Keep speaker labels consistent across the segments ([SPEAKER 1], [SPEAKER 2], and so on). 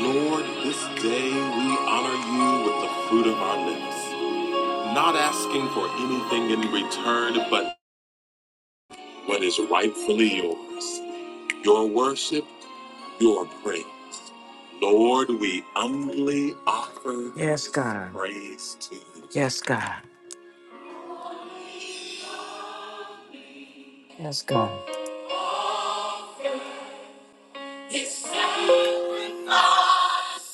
[SPEAKER 1] Lord, this day we honor you with the fruit of our lips, not asking for anything in return but what is rightfully yours your worship, your praise. Lord, we humbly offer Yes, this God. praise to you. Yes, God. Yes, God. It's sacrifice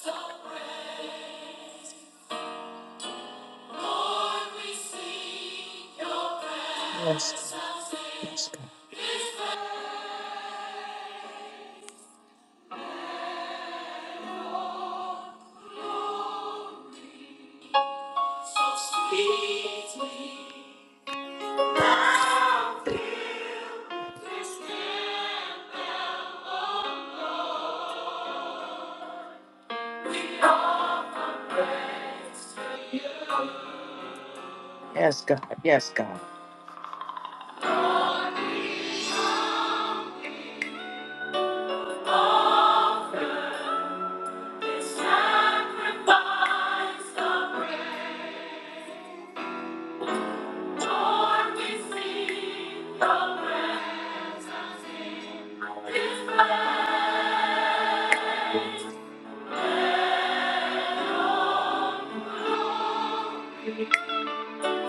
[SPEAKER 1] of praise. Yes, yes, God. Yes, God. Yes, God.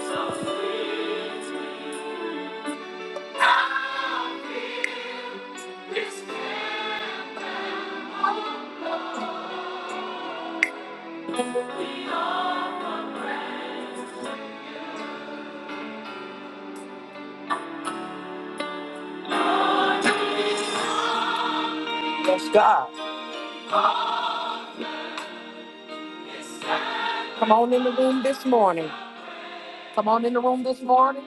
[SPEAKER 1] So Yes, God. Come on in the room this morning. Come on in the room this morning.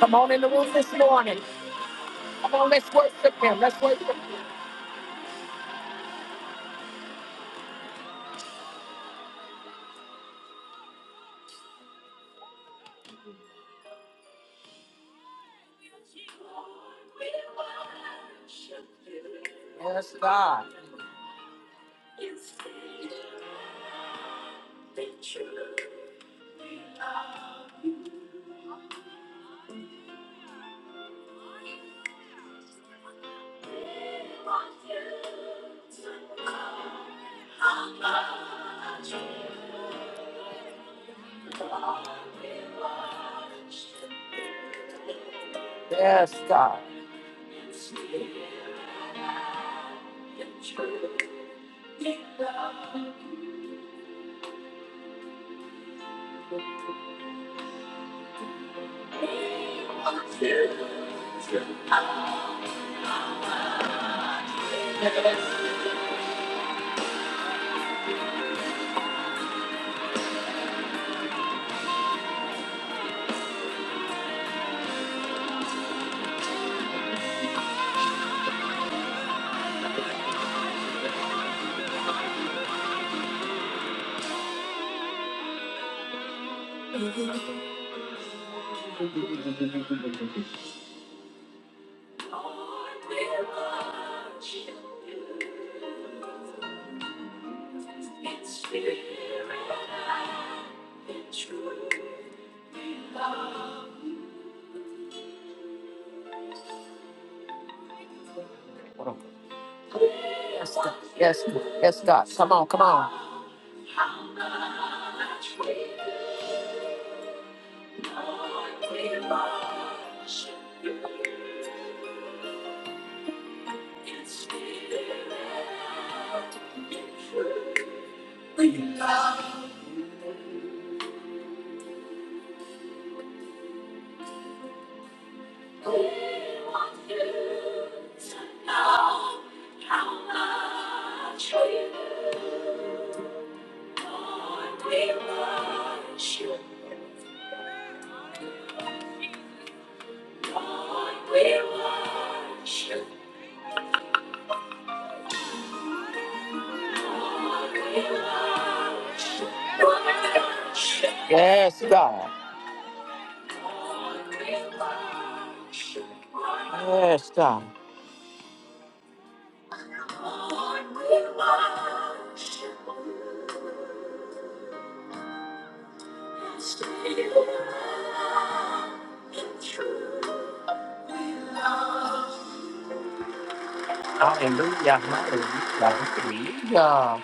[SPEAKER 1] Come on in the room this morning. Come on, let's worship him. Let's worship him. Yes, God. Yes, God. Yes, God. Yes, God. Yes, God. Come on, come on. We love We want you to know how much we love, Lord, we worship you. Lord, we worship Lord, we worship worship. Yes, God. Yes, God. Hallelujah, hallelujah, hallelujah.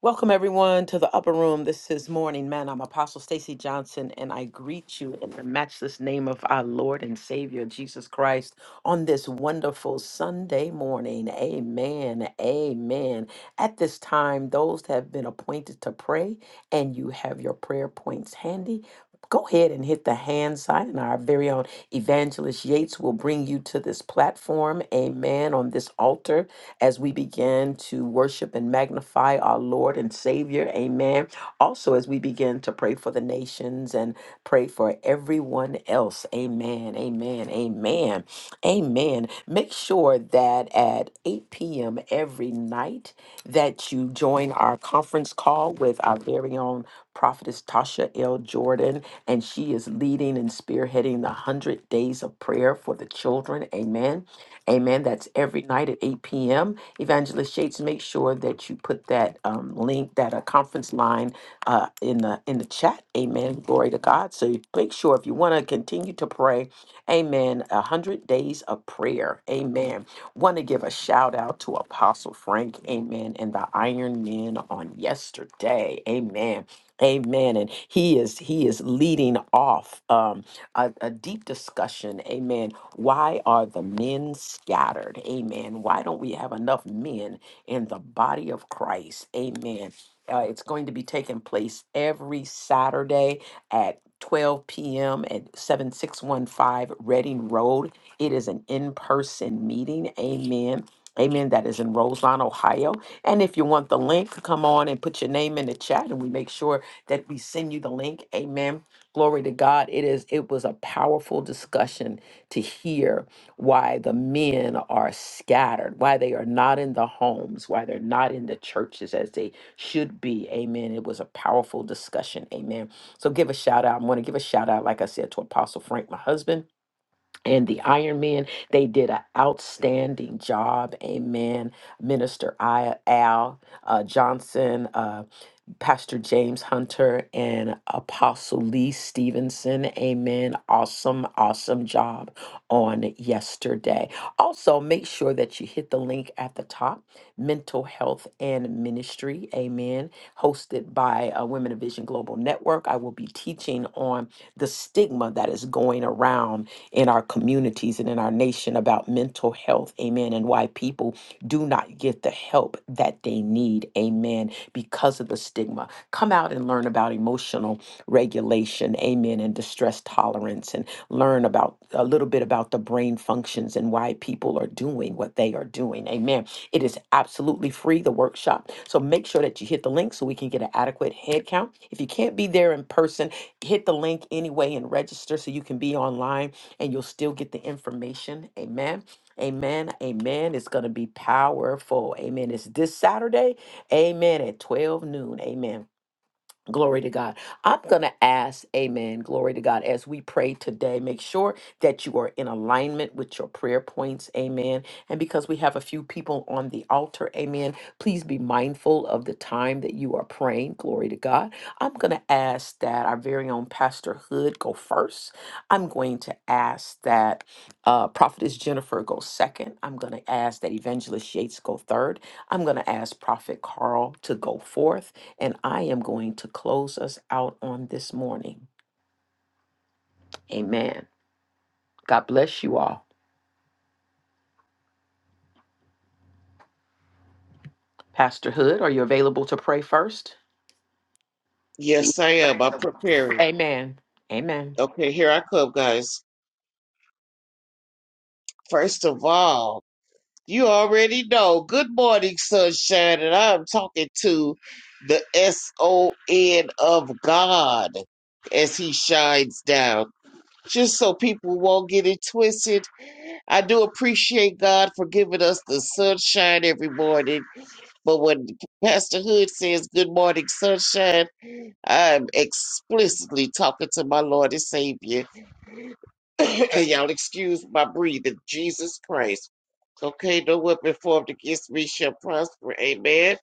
[SPEAKER 1] Welcome everyone to the upper room. This is Morning Man. I'm Apostle Stacy Johnson, and I greet you in the matchless name of our Lord and Savior Jesus Christ on this wonderful Sunday morning. Amen. Amen. At this time, those that have been appointed to pray, and you have your prayer points handy. Go ahead and hit the hand sign, and our very own evangelist Yates will bring you to this platform. Amen. On this altar as we begin to worship and magnify our Lord and Savior. Amen. Also, as we begin to pray for the nations and pray for everyone else. Amen. Amen. Amen. Amen. Make sure that at 8 p.m. every night that you join our conference call with our very own prophetess Tasha L. Jordan, and she is leading and spearheading the 100 days of prayer for the children. Amen. Amen. That's every night at 8 p.m. Evangelist Yates. make sure that you put that um, link, that uh, conference line, uh, in the in the chat. Amen. Glory to God. So you make sure if you want to continue to pray, Amen. A hundred days of prayer. Amen. Want to give a shout out to Apostle Frank. Amen. And the Iron Men on yesterday. Amen. Amen. And he is he is leading off. Um, a, a deep discussion. Amen. Why are the men scattered? Amen. Why don't we have enough men in the body of Christ? Amen. Uh, it's going to be taking place every Saturday at 12 p.m. at 7615 Reading Road. It is an in person meeting. Amen. Amen. That is in Roseland, Ohio. And if you want the link, come on and put your name in the chat and we make sure that we send you the link. Amen Glory to God. It is it was a powerful discussion to hear why the men are scattered, why they are not in the homes, why they're not in the churches as they should be. Amen. It was a powerful discussion. Amen. So give a shout out. I want to give a shout out, like I said, to Apostle Frank, my husband, and the Iron Men. They did an outstanding job. Amen. Minister I- Al uh, Johnson. uh, Pastor James Hunter and Apostle Lee Stevenson. Amen. Awesome, awesome job on yesterday. Also, make sure that you hit the link at the top Mental Health and Ministry. Amen. Hosted by uh, Women of Vision Global Network. I will be teaching on the stigma that is going around in our communities and in our nation about mental health. Amen. And why people do not get the help that they need. Amen because of the stigma. Come out and learn about emotional regulation, amen, and distress tolerance, and learn about a little bit about the brain functions and why people are doing what they are doing, amen. It is absolutely free, the workshop. So make sure that you hit the link so we can get an adequate head count. If you can't be there in person, hit the link anyway and register so you can be online and you'll still get the information, amen. Amen. Amen. It's going to be powerful. Amen. It's this Saturday Amen. At 12 noon. Amen. Glory to God. I'm going to ask, amen, glory to God, as we pray today, make sure that you are in alignment with your prayer points, amen. And because we have a few people on the altar, amen, please be mindful of the time that you are praying, glory to God. I'm going to ask that our very own Pastor Hood go first. I'm going to ask that uh, Prophetess Jennifer go second. I'm going to ask that Evangelist Yates go third. I'm going to ask Prophet Carl to go forth. And I am going to close us out on this morning. Amen. God bless you all. Pastor Hood, are you available to pray first?
[SPEAKER 2] Yes, I am. I'm preparing.
[SPEAKER 1] Amen. Amen.
[SPEAKER 2] Okay, here I come, guys. First of all, you already know. Good morning, sunshine, and I'm talking to the S O N of God as He shines down. Just so people won't get it twisted, I do appreciate God for giving us the sunshine every morning. But when Pastor Hood says good morning, sunshine, I'm explicitly talking to my Lord and Savior. Y'all excuse my breathing. Jesus Christ. Okay, no weapon formed against me shall prosper. Amen.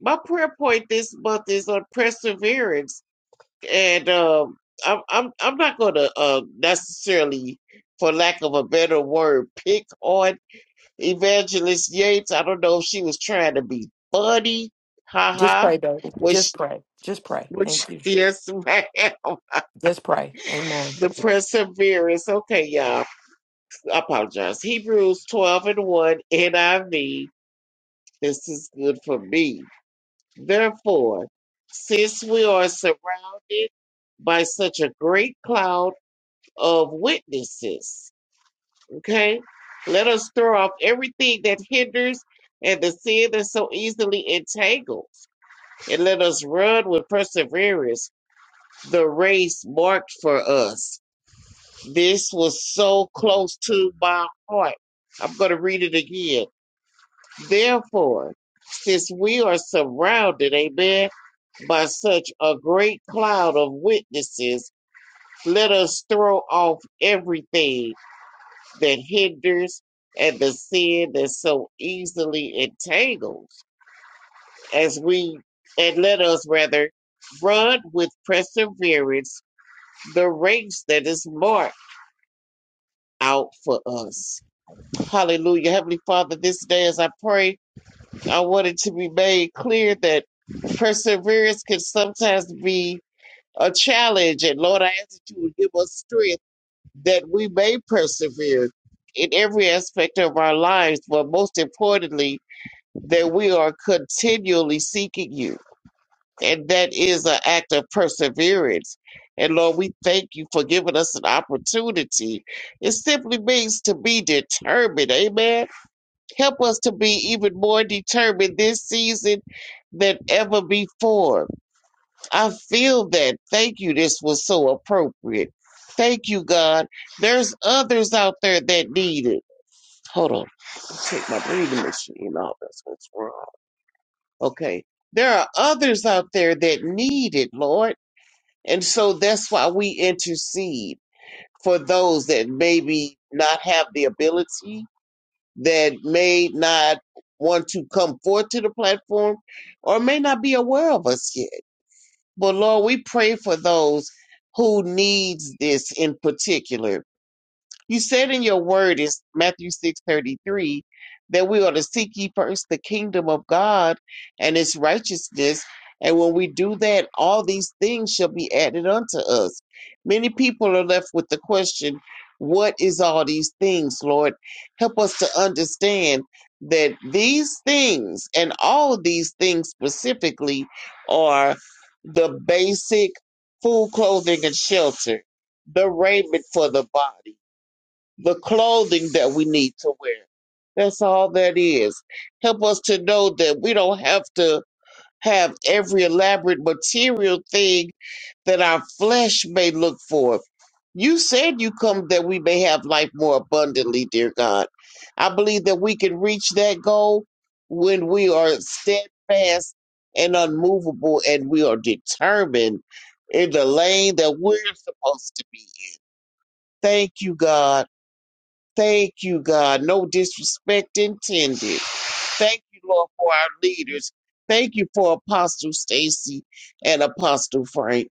[SPEAKER 2] My prayer point this month is on perseverance, and um, I'm I'm I'm not gonna uh, necessarily, for lack of a better word, pick on Evangelist Yates. I don't know if she was trying to be funny,
[SPEAKER 1] Just
[SPEAKER 2] haha,
[SPEAKER 1] pray, though. Just
[SPEAKER 2] which
[SPEAKER 1] pray. Just pray.
[SPEAKER 2] which
[SPEAKER 1] Thank you.
[SPEAKER 2] yes, ma'am.
[SPEAKER 1] Just pray. Amen.
[SPEAKER 2] The perseverance. Okay, y'all. I apologize. Hebrews 12 and 1 NIV. This is good for me. Therefore, since we are surrounded by such a great cloud of witnesses, okay, let us throw off everything that hinders and the sin that so easily entangles, and let us run with perseverance the race marked for us. This was so close to my heart. I'm going to read it again Therefore, since we are surrounded, amen, by such a great cloud of witnesses, let us throw off everything that hinders and the sin that so easily entangles, as we, and let us rather run with perseverance the race that is marked out for us. Hallelujah. Heavenly Father, this day as I pray. I wanted to be made clear that perseverance can sometimes be a challenge. And Lord, I ask that you would give us strength that we may persevere in every aspect of our lives, but most importantly, that we are continually seeking you. And that is an act of perseverance. And Lord, we thank you for giving us an opportunity. It simply means to be determined. Amen. Help us to be even more determined this season than ever before. I feel that. Thank you. This was so appropriate. Thank you, God. There's others out there that need it. Hold on. Let's Take my breathing machine off. That's what's wrong. Okay. There are others out there that need it, Lord. And so that's why we intercede for those that maybe not have the ability that may not want to come forth to the platform or may not be aware of us yet. But Lord, we pray for those who needs this in particular you said in your word in Matthew 6:33 that we are to seek ye first the kingdom of God and its righteousness, and when we do that, all these things shall be added unto us. Many people are left with the question, what is all these things, Lord? Help us to understand that these things and all these things specifically are the basic food, clothing, and shelter, the raiment for the body the clothing that we need to wear. That's all that is. Help us to know that we don't have to have every elaborate material thing that our flesh may look for. You said you come that we may have life more abundantly, dear God. I believe that we can reach that goal when we are steadfast and unmovable and we are determined in the lane that we're supposed to be in. Thank you, God. Thank you, God. No disrespect intended. Thank you, Lord, for our leaders. Thank you for Apostle Stacy and Apostle Frank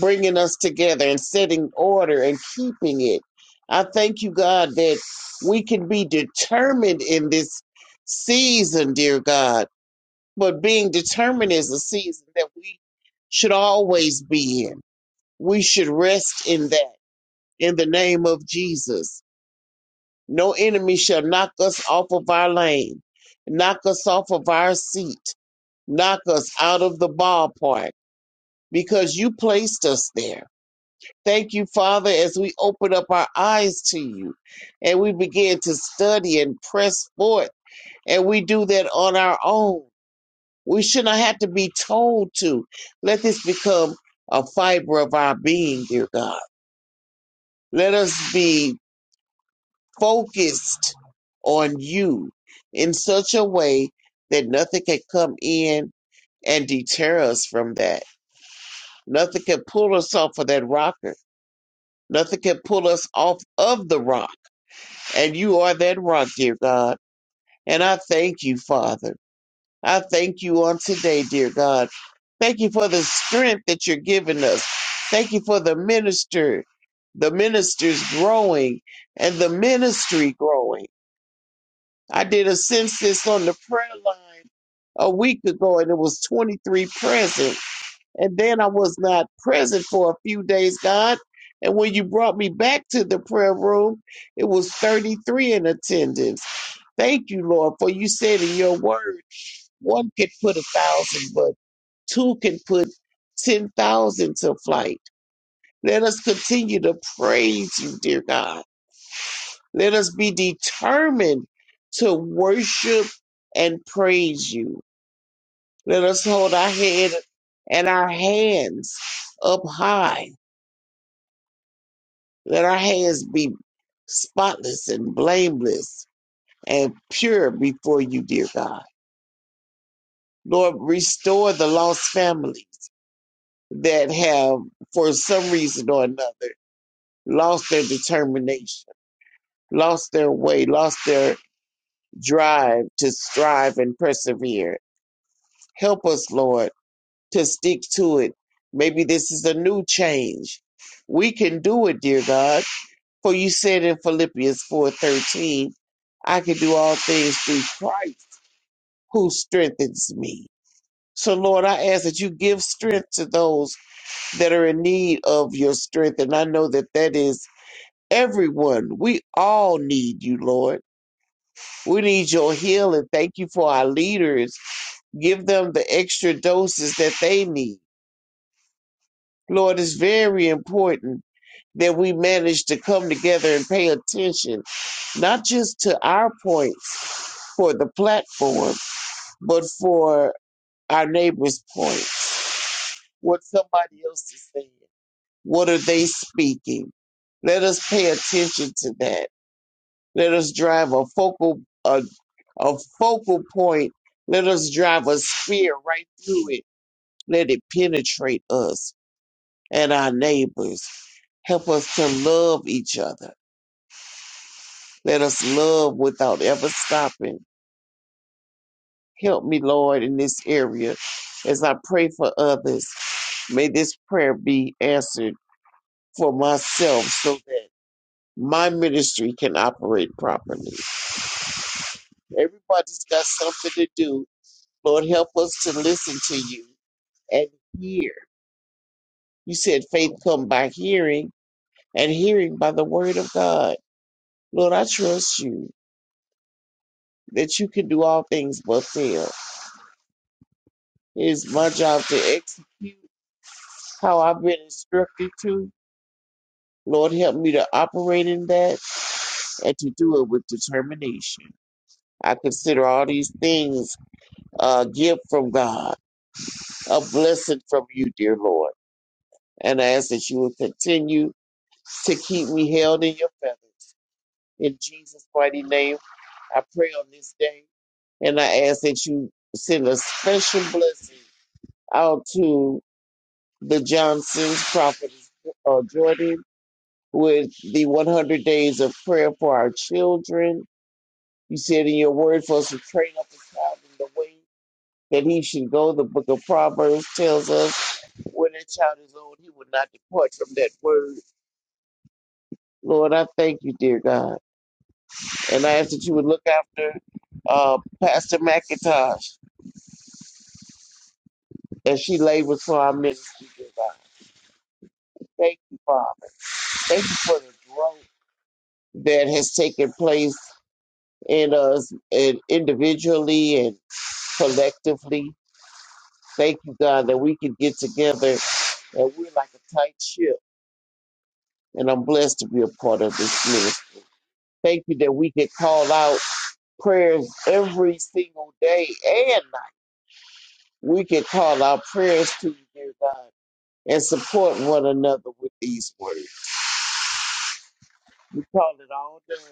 [SPEAKER 2] bringing us together and setting order and keeping it. I thank you, God, that we can be determined in this season, dear God. But being determined is a season that we should always be in. We should rest in that in the name of Jesus. No enemy shall knock us off of our lane, knock us off of our seat, knock us out of the ballpark because you placed us there. Thank you, Father, as we open up our eyes to you and we begin to study and press forth, and we do that on our own. We should not have to be told to. Let this become a fiber of our being, dear God. Let us be focused on you in such a way that nothing can come in and deter us from that. Nothing can pull us off of that rocker. Nothing can pull us off of the rock. And you are that rock, dear God. And I thank you, Father. I thank you on today, dear God. Thank you for the strength that you're giving us. Thank you for the minister, the ministers growing and the ministry growing. I did a census on the prayer line a week ago and it was 23 present. And then I was not present for a few days, God. And when you brought me back to the prayer room, it was 33 in attendance. Thank you, Lord, for you said in your word, one can put a thousand, but two can put 10,000 to flight. Let us continue to praise you, dear God. Let us be determined to worship and praise you. Let us hold our head and our hands up high. Let our hands be spotless and blameless and pure before you, dear God. Lord, restore the lost families that have, for some reason or another, lost their determination, lost their way, lost their drive to strive and persevere. Help us, Lord to stick to it. Maybe this is a new change. We can do it, dear God. For you said in Philippians 4:13, I can do all things through Christ who strengthens me. So Lord, I ask that you give strength to those that are in need of your strength and I know that that is everyone. We all need you, Lord. We need your healing. Thank you for our leaders. Give them the extra doses that they need. Lord, it's very important that we manage to come together and pay attention, not just to our points for the platform, but for our neighbor's point, what somebody else is saying, what are they speaking? Let us pay attention to that. Let us drive a focal a, a focal point. Let us drive a spear right through it. Let it penetrate us and our neighbors. Help us to love each other Let us love without ever stopping. Help me, Lord, in this area as I pray for others. May this prayer be answered for myself so that my ministry can operate properly. Everybody's got something to do. Lord, help us to listen to you and hear. You said faith come by hearing and hearing by the word of God. Lord, I trust you that you can do all things but fail. It is my job to execute how I've been instructed to. Lord, help me to operate in that and to do it with determination. I consider all these things a gift from God, a blessing from you, dear Lord. And I ask that you will continue to keep me held in your feathers. In Jesus' mighty name, I pray on this day. And I ask that you send a special blessing out to the Johnsons, Prophet uh, Jordan, with the 100 days of prayer for our children. You said in your word for us to train up a child in the way that he should go. The book of Proverbs tells us when a child is old, he will not depart from that word. Lord, I thank you, dear God. And I ask that you would look after uh, Pastor McIntosh as she labors for our ministry, dear God. Thank you, Father. Thank you for the growth that has taken place in us and individually and collectively. Thank you, God, that we can get together and we're like a tight ship. And I'm blessed to be a part of this ministry. Thank you that we can call out prayers every single day and night. We can call out prayers to you, dear God, and support one another with these words. We call it all done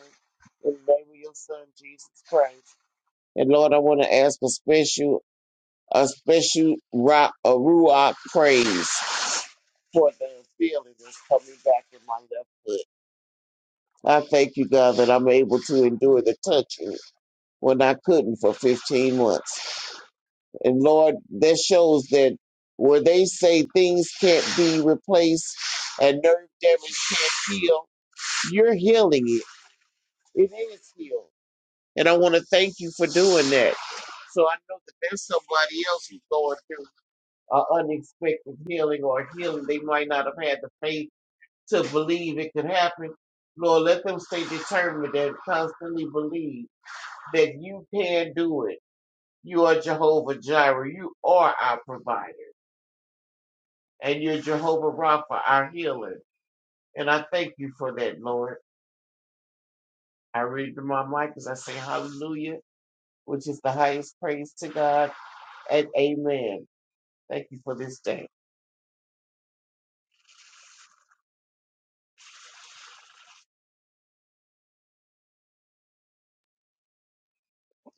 [SPEAKER 2] in the name of your Son, Jesus Christ. And Lord, I want to ask for special a special rock, a ruach praise for the feeling that's coming back in my left foot. I thank you, God, that I'm able to endure the touching when I couldn't for 15 months. And Lord, that shows that where they say things can't be replaced and nerve damage can't heal, you're healing it. It is healed. And I want to thank you for doing that. So I know that there's somebody else who's going through an unexpected healing or healing they might not have had the faith to believe it could happen. Lord, let them stay determined and constantly believe that you can do it. You are Jehovah Jireh. You are our provider. And you're Jehovah Rapha, our healer. And I thank you for that, Lord. I read to my mic as I say hallelujah, which is the highest praise to God, and amen. Thank you for this day.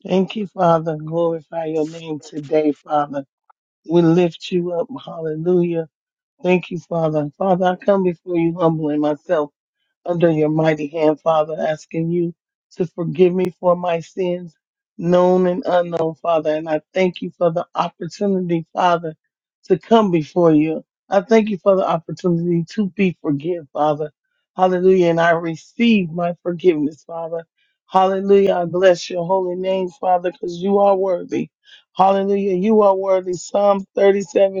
[SPEAKER 3] Thank you, Father. Glorify your name today, Father. We lift you up. Hallelujah. Thank you, Father. Father, I come before you humbling myself under your mighty hand, Father, asking you to forgive me for my sins, known and unknown, Father. And I thank you for the opportunity, Father, to come before you. I thank you for the opportunity to be forgiven, Father. Hallelujah. And I receive my forgiveness, Father. Hallelujah. I bless your holy name, Father, because you are worthy. Hallelujah. You are worthy. Psalm 37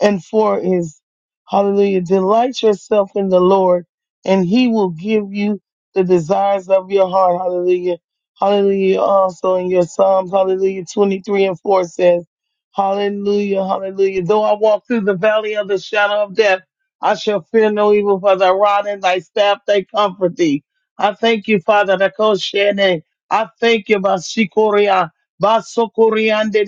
[SPEAKER 3] and four is hallelujah delight yourself in the lord and he will give you the desires of your heart hallelujah hallelujah also in your psalms hallelujah 23 and 4 says hallelujah hallelujah though i walk through the valley of the shadow of death i shall fear no evil for thy rod and thy staff they comfort thee i thank you father Rakoshene. i thank you basikoria basokoriande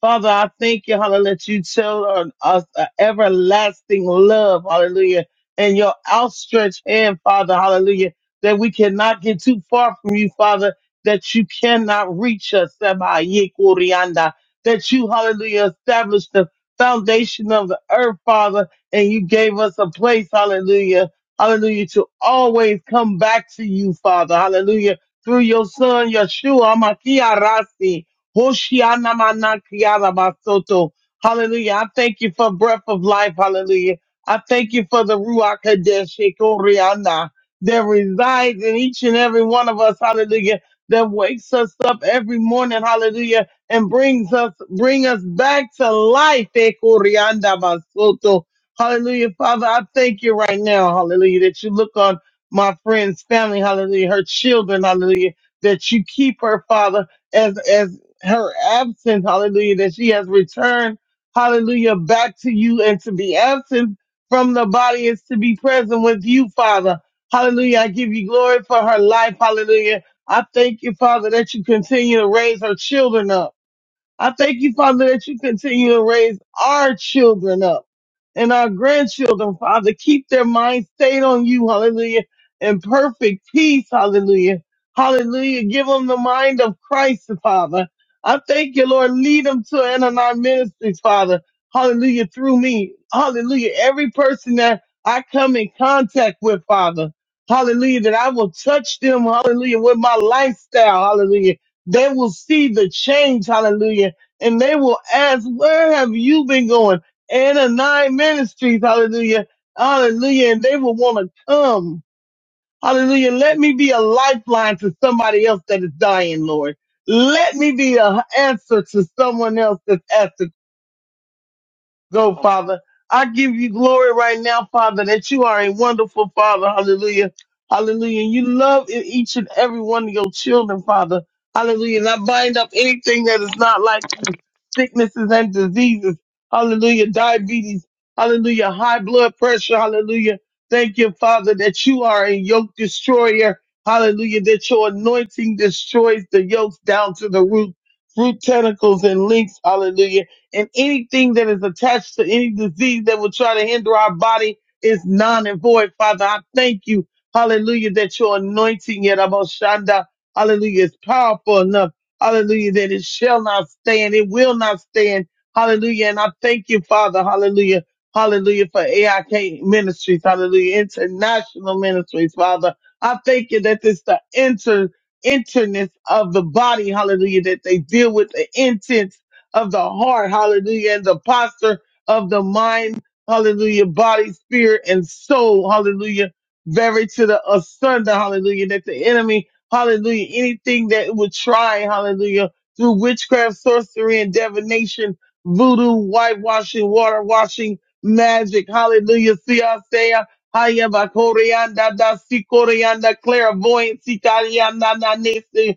[SPEAKER 3] Father, I thank you, hallelujah, that you tell on us an everlasting love, hallelujah, and your outstretched hand, Father, hallelujah, that we cannot get too far from you, Father, that you cannot reach us, Samaye Kurianda, that you, hallelujah, established the foundation of the earth, Father, and you gave us a place, hallelujah, hallelujah, to always come back to you, Father, hallelujah, through your son, Yeshua, Amakia Rasi, Hoshiana mana kiara basoto. Hallelujah. I thank you for breath of life. Hallelujah. I thank you for the Ruach Hadesh Ekoriana that resides in each and every one of us. Hallelujah. That wakes us up every morning. Hallelujah. And brings us, bring us back to life. Ekorianda basoto. Hallelujah. Father, I thank you right now. Hallelujah. That you look on my friend's family. Hallelujah. Her children. Hallelujah. That you keep her, Father as as her absence, hallelujah, that she has returned, hallelujah, back to you. And to be absent from the body is to be present with you, Father. Hallelujah. I give you glory for her life. Hallelujah. I thank you, Father, that you continue to raise her children up. I thank you, Father, that you continue to raise our children up and our grandchildren, Father. Keep their minds stayed on you, hallelujah, in perfect peace, hallelujah. Hallelujah. Give them the mind of Christ, Father. I thank you, Lord. Lead them to Ananon Ministries, Father. Hallelujah. Through me. Hallelujah. Every person that I come in contact with, Father. Hallelujah. That I will touch them. Hallelujah. With my lifestyle. Hallelujah they will see the change, hallelujah, and they will ask, where have you been going? Anna Nine Ministries, hallelujah, hallelujah, and they will want to come, hallelujah. Let me be a lifeline to somebody else that is dying, Lord. Let me be an answer to someone else that's asking go, Father. I give you glory right now, Father, that you are a wonderful Father. Hallelujah. Hallelujah. And you love e- each and every one of your children, Father. Hallelujah. And I bind up anything that is not like you, sicknesses and diseases. Hallelujah. Diabetes. Hallelujah. High blood pressure. Hallelujah. Thank you, Father, that you are a yoke destroyer. Hallelujah. That your anointing destroys the yokes down to the root, root tentacles and links. Hallelujah and anything that is attached to any disease that will try to hinder our body is non and void. Father, I thank you, hallelujah, that your anointing, yet Shanda, hallelujah, is powerful enough, hallelujah, that it shall not stand, it will not stand, hallelujah. And I thank you, Father, hallelujah, hallelujah, for AIK Ministries, hallelujah, International Ministries, Father. I thank you that this the inter interness of the body, hallelujah, that they deal with the intense of the heart, hallelujah, and the posture of the mind, hallelujah, body, spirit, and soul, hallelujah, very to the asunder, hallelujah, that the enemy, hallelujah, anything that it would try, hallelujah, through witchcraft, sorcery, and divination, voodoo, whitewashing, water washing, magic, hallelujah, siasea, hayabakorianda, da sikorianda, clairvoyance, italiana, nanese,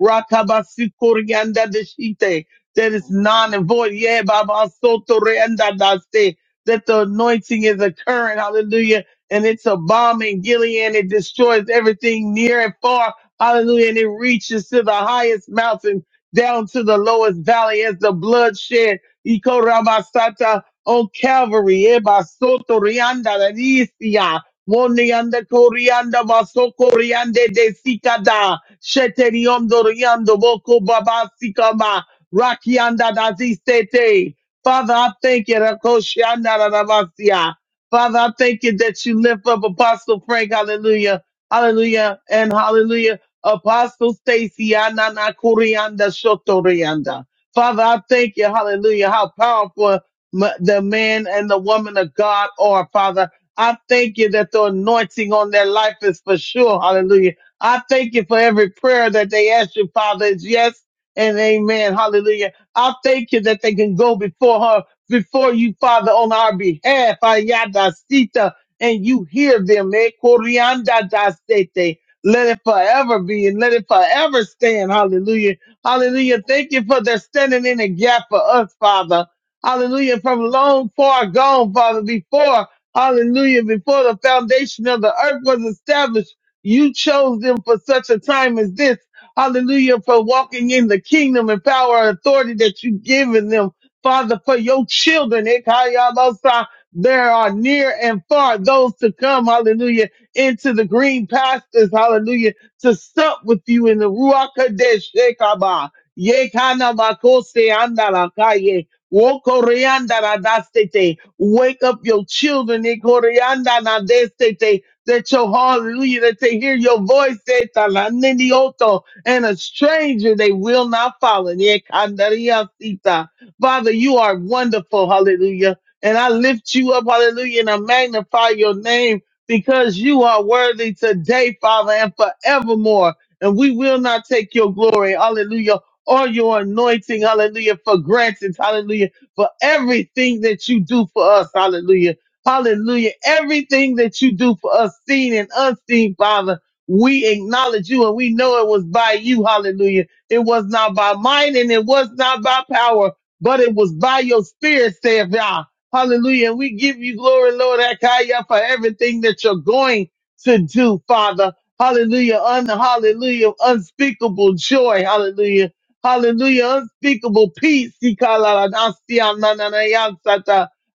[SPEAKER 3] Rakabasukurianda deshite. That is non and void. Yeah, Baba Sotorianda daste. That the anointing is occurring. Hallelujah. And it's a bomb in Gilead. It destroys everything near and far. Hallelujah. And it reaches to the highest mountain, down to the lowest valley as the blood shed. bloodshed. Ikorabasata on Calvary. Eba Sotorianda Danisia. Wonianda Corianda Basokoriande de Sikada. Sheteri yomdo yando boko baba sikama. Rakianda dazistete. Father, I thank you. Rakoshianda rarabasia. Father, I thank you that you lift up Apostle Frank. Hallelujah. Hallelujah and hallelujah. Apostle Stacy Anana Kurianda Shotorianda. Father, I thank you, hallelujah, how powerful m- the man and the woman of God are, Father. I thank you that the anointing on their life is for sure, hallelujah I thank you for every prayer that they ask you, Father, is yes and amen. Hallelujah. I thank you that they can go before her, before you, Father, on our behalf. Ayada sita, and you hear them. Eh, corianda da sete. Let it forever be and let it forever stand. Hallelujah. Hallelujah. Thank you for their standing in the gap for us, Father. Hallelujah. From long far gone, Father, before, hallelujah, before the foundation of the earth was established. You chose them for such a time as this. Hallelujah. For walking in the kingdom and power and authority that you've given them. Father, for your children. Ikayabasa, There are near and far those to come. Hallelujah. Into the green pastures. Hallelujah. To sup with you in the Ruach Kadesh. Ikaba. Yekanabakose andalakaye. Wokoreandaradastete. Wake up your children. Ikoriandanadestete that your hallelujah, that they hear your voice, eh, talanenioto, and a stranger they will not follow. Yeah, kandariasita. Father, you are wonderful, hallelujah. And I lift you up, hallelujah, and I magnify your name because you are worthy today, Father, and forevermore. And we will not take your glory, hallelujah, or your anointing, hallelujah, for granted, hallelujah, for everything that you do for us, hallelujah. Hallelujah. Everything that you do for us, seen and unseen, Father, we acknowledge you and we know it was by you. Hallelujah. It was not by mine and it was not by power, but it was by your spirit, saith Yah. Hallelujah. And we give you glory, Lord Akaya, for everything that you're going to do, Father. Hallelujah. Un- hallelujah. Unspeakable joy. Hallelujah. Hallelujah. Unspeakable peace.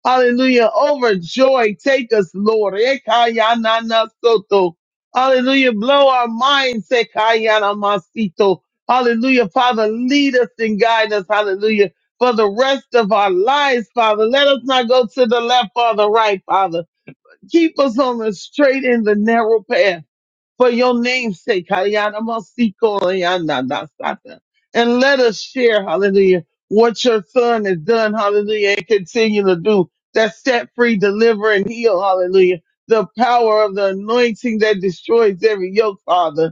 [SPEAKER 3] Hallelujah. Overjoy. Take us, Lord. Ekayanana soto. Hallelujah. Blow our minds. Ekayana masito. Hallelujah. Father, lead us and guide us. Hallelujah. For the rest of our lives, Father. Let us not go to the left or the right, Father. Keep us on the straight and the narrow path for your name's sake, Hayana Masiko Hayana Dasata. and let us share, hallelujah, what your son has done, hallelujah, and continue to do that set free, deliver, and heal, hallelujah. The power of the anointing that destroys every yoke, Father.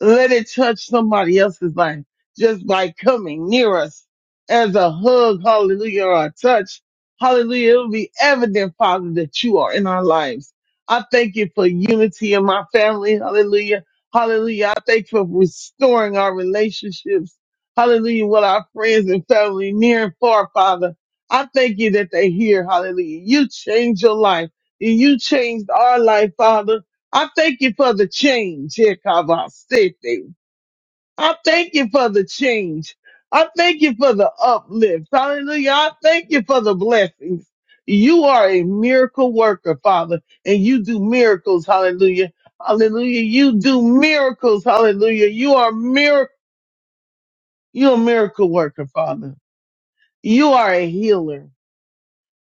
[SPEAKER 3] Let it touch somebody else's life just by coming near us as a hug, hallelujah, or a touch. Hallelujah. It'll be evident, Father, that you are in our lives. I thank you for unity in my family. Hallelujah. Hallelujah. I thank you for restoring our relationships. Hallelujah. With our friends and family near and far, Father. I thank you that they hear. Hallelujah. You changed your life. You changed our life, Father. I thank you for the change, Yekabasete. I thank you for the change. I thank you for the uplift. Hallelujah. I thank you for the blessings. You are a miracle worker, Father, and you do miracles. Hallelujah. Hallelujah. You do miracles. Hallelujah. You are mir- you're a miracle worker, Father. You are a healer.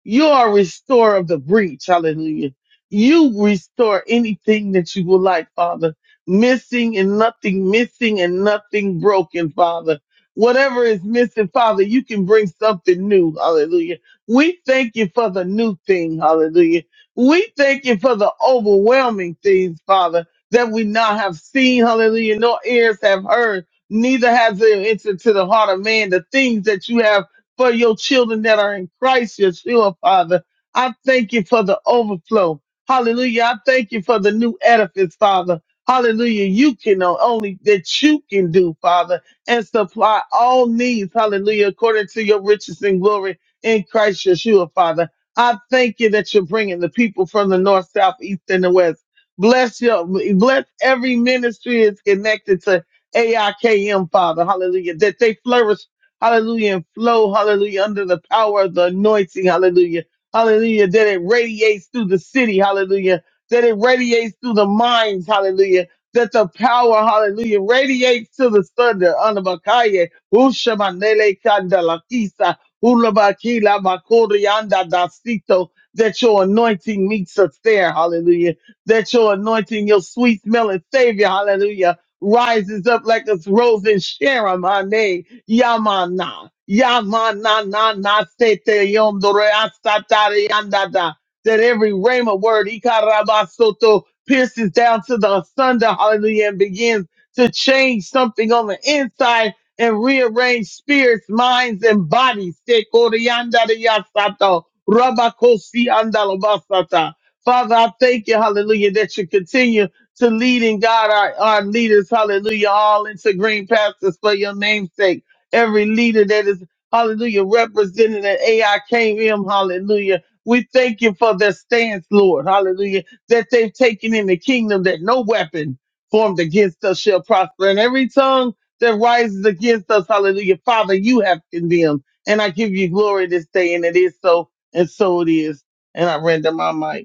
[SPEAKER 3] You are restorer of the breach. Hallelujah. You restore anything that you would like, Father. Missing and nothing missing and nothing broken, Father. Whatever is missing, Father, you can bring something new. Hallelujah. We thank you for the new thing. Hallelujah. We thank you for the overwhelming things, Father, that we now have seen. Hallelujah. No ears have heard. Neither has it entered to the heart of man the things that you have for your children that are in Christ Yeshua, Father. I thank you for the overflow. Hallelujah. I thank you for the new edifice, Father. Hallelujah. You can know only that you can do, Father, and supply all needs. Hallelujah. According to your riches and glory in Christ Yeshua, Father. I thank you that you're bringing the people from the north, south, east, and the west. Bless your, bless every ministry is connected to AIKM, Father. Hallelujah. That they flourish hallelujah, and flow, hallelujah, under the power of the anointing, hallelujah, hallelujah, that it radiates through the city, hallelujah, that it radiates through the minds, hallelujah, that the power, hallelujah, radiates to the thunder, anabakaye, ushamanele kandalakisa, ulabakila makorianda dasito, that your anointing meets us there, hallelujah, that your anointing, your sweet smelling savior, hallelujah, rises up like a rose in Sharon, my name. Yamana. Yamana na na sete yom dore asatari andada. That every rhema word, ikarabasoto, pierces down to the asunder, hallelujah, and begins to change something on the inside and rearrange spirits, minds, and bodies. Sekori andari asato, rabakosi andalabasata. Father, I thank you, hallelujah, that you continue to lead leading God, our, our leaders, hallelujah, all into green pastures for your name's sake every leader that is, hallelujah, represented at AIKM, hallelujah. We thank you for their stance, Lord, hallelujah, that they've taken in the kingdom that no weapon formed against us shall prosper. And every tongue that rises against us, hallelujah, Father, you have condemned. And I give you glory this day, and it is so, and so it is. And I render my mic.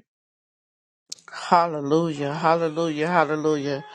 [SPEAKER 4] Hallelujah, hallelujah, hallelujah.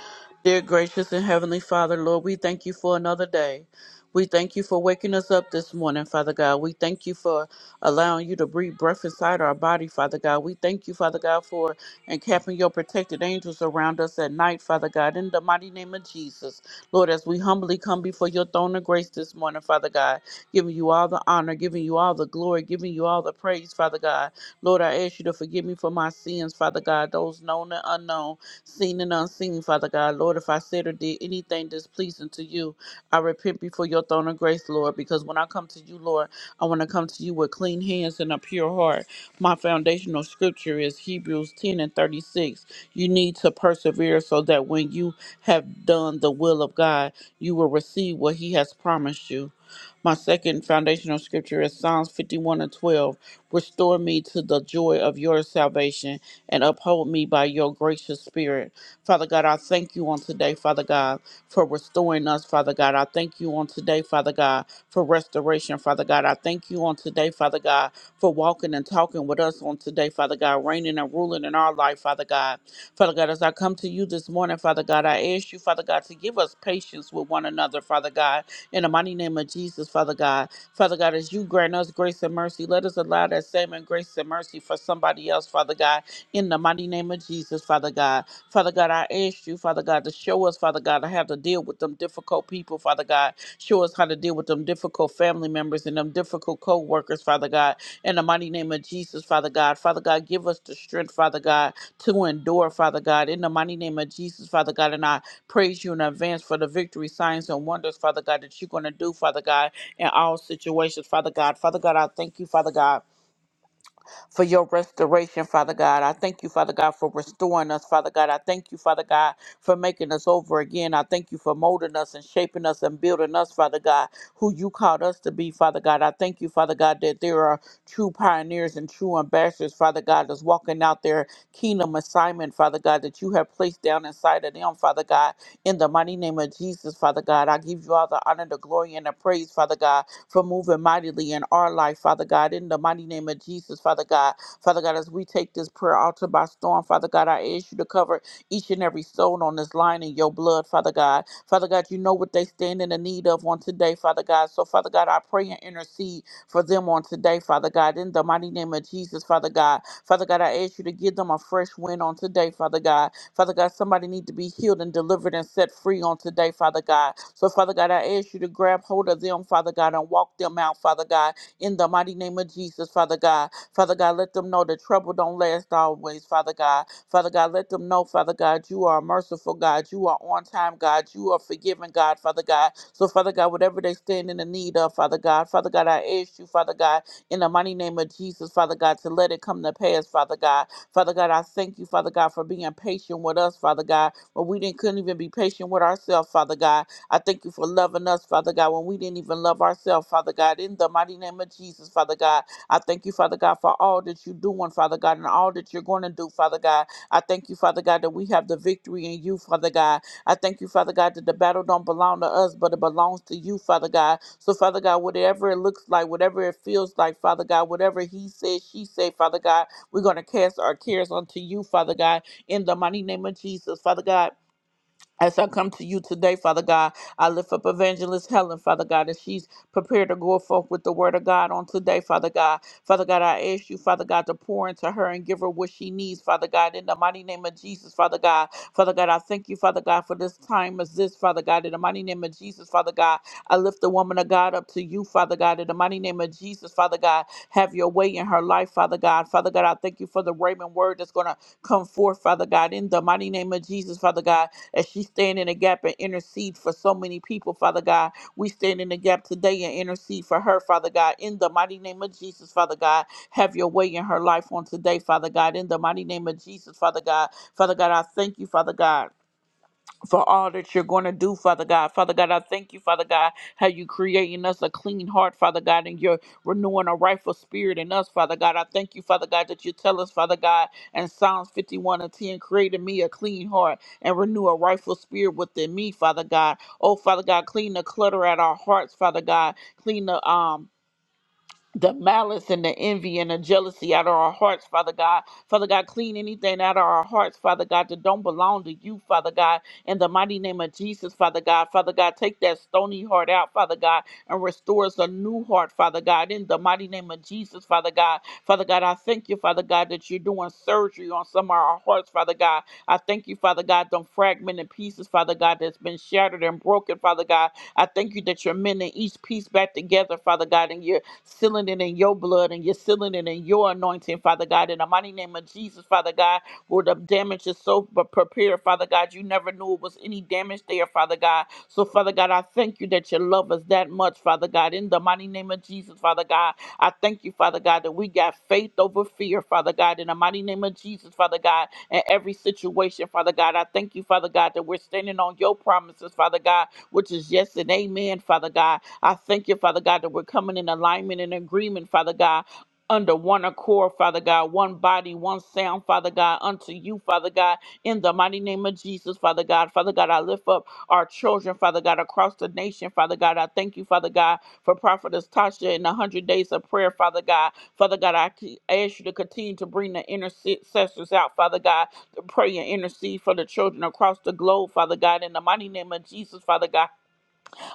[SPEAKER 4] Dear gracious and heavenly Father, Lord, we thank you for another day. We thank you for waking us up this morning, Father God. We thank you for allowing you to breathe breath inside our body, Father God. We thank you, Father God, for encamping your protected angels around us at night, Father God, in the mighty name of Jesus. Lord, as we humbly come before your throne of grace this morning, Father God, giving you all the honor, giving you all the glory, giving you all the praise, Father God. Lord, I ask you to forgive me for my sins, Father God, those known and unknown, seen and unseen, Father God. Lord, if I said or did anything displeasing to you, I repent before your throne of grace, Lord, because when I come to you, Lord, I want to come to you with clean hands and a pure heart. My foundational scripture is Hebrews 10 and 36. You need to persevere so that when you have done the will of God, you will receive what He has promised you. My second foundational scripture is Psalms 51 and 12. Restore me to the joy of your salvation and uphold me by your gracious spirit. Father God, I thank you on today, Father God, for restoring us, Father God. I thank you on today, Father God, for restoration, Father God. I thank you on today, Father God, for walking and talking with us on today, Father God, reigning and ruling in our life, Father God. Father God, as I come to you this morning, Father God, I ask you, Father God, to give us patience with one another, Father God. In the mighty name of Jesus, Father God. Father God, as you grant us grace and mercy, let us allow that same and grace and mercy for somebody else, Father God. In the mighty name of Jesus, Father God. Father God, I ask you, Father God, to show us, Father God, how to deal with them difficult people, Father God. Show us how to deal with them difficult family members and them difficult co workers, Father God. In the mighty name of Jesus, Father God. Father God, give us the strength, Father God, to endure, Father God. In the mighty name of Jesus, Father God. And I praise you in advance for the victory, signs, and wonders, Father God, that you're going to do, Father God, in all situations, Father God. Father God, I thank you, Father God for your restoration, Father God. I thank you, Father God, for restoring us, Father God. I thank you, Father God, for making us over again. I thank you for molding us and shaping us and building us, Father God, who you called us to be, Father God. I thank you, Father God, that there are true pioneers and true ambassadors, Father God, that's walking out their kingdom assignment, Father God, that you have placed down inside of them, Father God. In the mighty name of Jesus, Father God, I give you all the honor, the glory, and the praise, Father God for moving mightily in our life, Father God, in the mighty name of Jesus, Father God. Father God, as we take this prayer altar by storm, Father God, I ask you to cover each and every soul on this line in your blood, Father God. Father God, you know what they stand in the need of on today, Father God. So, Father God, I pray and intercede for them on today, Father God, in the mighty name of Jesus, Father God. Father God, I ask you to give them a fresh wind on today, Father God. Father God, somebody need to be healed and delivered and set free on today, Father God. So, Father God, I ask you to grab hold of them, Father God, and walk them out, Father God, in the mighty name of Jesus, Father God. Father God, let them know that trouble don't last always, Father God. Father God, let them know, Father God, you are a merciful God. You are on time, God. You are forgiving, God, Father God. So, Father God, whatever they stand in the need of, Father God, Father God, I ask you, Father God, in the mighty name of Jesus, Father God, to let it come to pass, Father God. Father God, I thank you, Father God, for being patient with us, Father God, when we didn't couldn't even be patient with ourselves, Father God. I thank you for loving us, Father God, when we didn't even love ourselves, Father God. In the mighty name of Jesus, Father God, I thank you, Father God, for all that you're doing, Father God, and all that you're going to do, Father God. I thank you, Father God, that we have the victory in you, Father God. I thank you, Father God, that the battle don't belong to us, but it belongs to you, Father God. So, Father God, whatever it looks like, whatever it feels like, Father God, whatever he said, she said, Father God, we're going to cast our cares unto you, Father God, in the mighty name of Jesus, Father God. As I come to you today, Father God, I lift up Evangelist Helen, Father God, as she's prepared to go forth with the word of God on today, Father God. Father God, I ask you, Father God, to pour into her and give her what she needs, Father God, in the mighty name of Jesus, Father God. Father God, I thank you, Father God, for this time as this, Father God, in the mighty name of Jesus, Father God. I lift the woman of God up to you, Father God, in the mighty name of Jesus, Father God. Have your way in her life, Father God. Father God, I thank you for the Raymond word that's going to come forth, Father God, in the mighty name of Jesus, Father God as she stand in the gap and intercede for so many people, Father God. We stand in the gap today and intercede for her, Father God. In the mighty name of Jesus, Father God, have your way in her life on today, Father God. In the mighty name of Jesus, Father God. Father God, I thank you, Father God for all that you're going to do, Father God. Father God, I thank you, Father God, how you creating us a clean heart, Father God, and you're renewing a rightful spirit in us, Father God. I thank you, Father God, that you tell us, Father God, in Psalms 51 and 10, created me a clean heart and renew a rightful spirit within me, Father God. Oh, Father God, clean the clutter at our hearts, Father God. Clean the um the malice and the envy and the jealousy out of our hearts, Father God. Father God, clean anything out of our hearts, Father God, that don't belong to you, Father God. In the mighty name of Jesus, Father God. Father God, take that stony heart out, Father God, and restore us a new heart, Father God. In the mighty name of Jesus, Father God. Father God, I thank you, Father God, that you're doing surgery on some of our hearts, Father God. I thank you, Father God, them fragmented pieces, Father God, that's been shattered and broken, Father God. I thank you that you're mending each piece back together, Father God, and you sealing it in your blood and you're sealing it in your anointing, Father God. In the mighty name of Jesus, Father God, where the damage is so pre- prepared, Father God, you never knew it was any damage there, Father God. So, Father God, I thank you that you love us that much, Father God. In the mighty name of Jesus, Father God, I thank you, Father God, that we got faith over fear, Father God. In the mighty name of Jesus, Father God, in every situation, Father God, I thank you, Father God, that we're standing on your promises, Father God, which is yes and amen, Father God. I thank you, Father God, that we're coming in alignment and agreement, Father God. Under one accord, Father God, one body, one sound, Father God, unto you, Father God, in the mighty name of Jesus, Father God. Father God, I lift up our children, Father God, across the nation, Father God. I thank you, Father God, for Prophetess Tasha and the 100 days of prayer, Father God. Father God, I c- ask you to continue to bring the intercessors out, Father God, to pray and intercede for the children across the globe, Father God, in the mighty name of Jesus, Father God.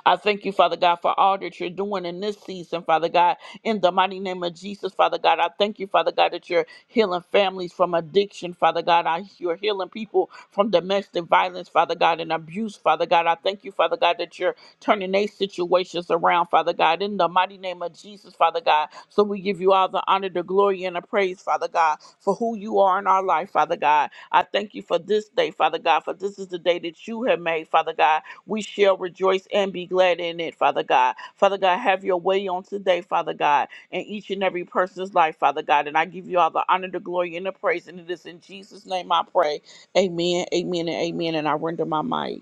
[SPEAKER 4] I thank you, Father God, for all that you're doing in this season, Father God. In the mighty name of Jesus, Father God, I thank you, Father God, that you're healing families from addiction, Father God. I, you're healing people from domestic violence, Father God, and abuse, Father God. I thank you, Father God, that you're turning their situations around, Father God. In the mighty name of Jesus, Father God. So we give you all the honor, the glory, and the praise, Father God, for who you are in our life, Father God. I thank you for this day, Father God, for this is the day that you have made, Father God we shall rejoice and be glad in it, Father God. Father God, have your way on today, Father God, in each and every person's life, Father God. And I give you all the honor, the glory, and the praise. And it is in Jesus' name I pray. Amen, amen, and amen. And I render my mic.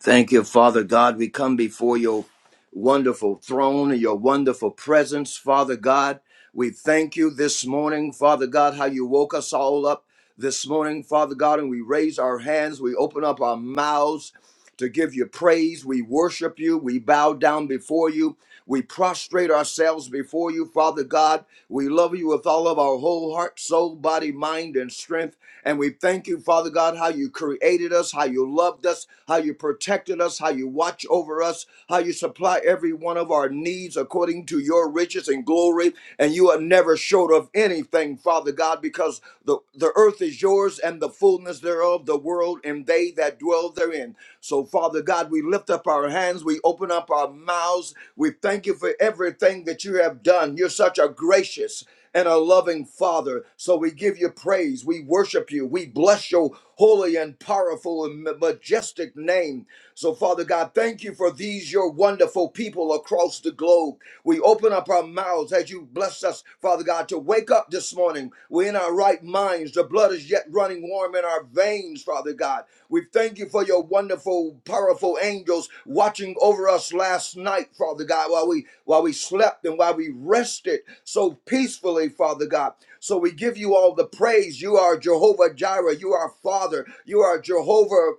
[SPEAKER 5] Thank you, Father God. We come before your wonderful throne and your wonderful presence, Father God. We thank you this morning, Father God, how you woke us all up this morning, Father God, and we raise our hands, we open up our mouths to give you praise. We worship you. We bow down before you. We prostrate ourselves before you, Father God. We love you with all of our whole heart, soul, body, mind, and strength. And we thank you, Father God, how you created us, how you loved us, how you protected us, how you watch over us, how you supply every one of our needs according to your riches and glory. And you are never short of anything, Father God, because the, the earth is yours and the fullness thereof, the world world and they that dwell therein. So, Father God, we lift up our hands, we open up our mouths, we thank you for everything that you have done. You're such a gracious and a loving Father. So we give you praise, we worship you, we bless your holy and powerful and ma- majestic name. So, Father God, thank you for these, your wonderful people across the globe. We open up our mouths as you bless us, Father God, to wake up this morning. We're in our right minds. The blood is is yet running warm in our veins, Father God. We thank you for your wonderful, powerful angels watching over us last night, Father God, while we while we slept and while we rested so peacefully, Father God. So we give you all the praise. You are Jehovah Jireh. You are Father. You are Jehovah.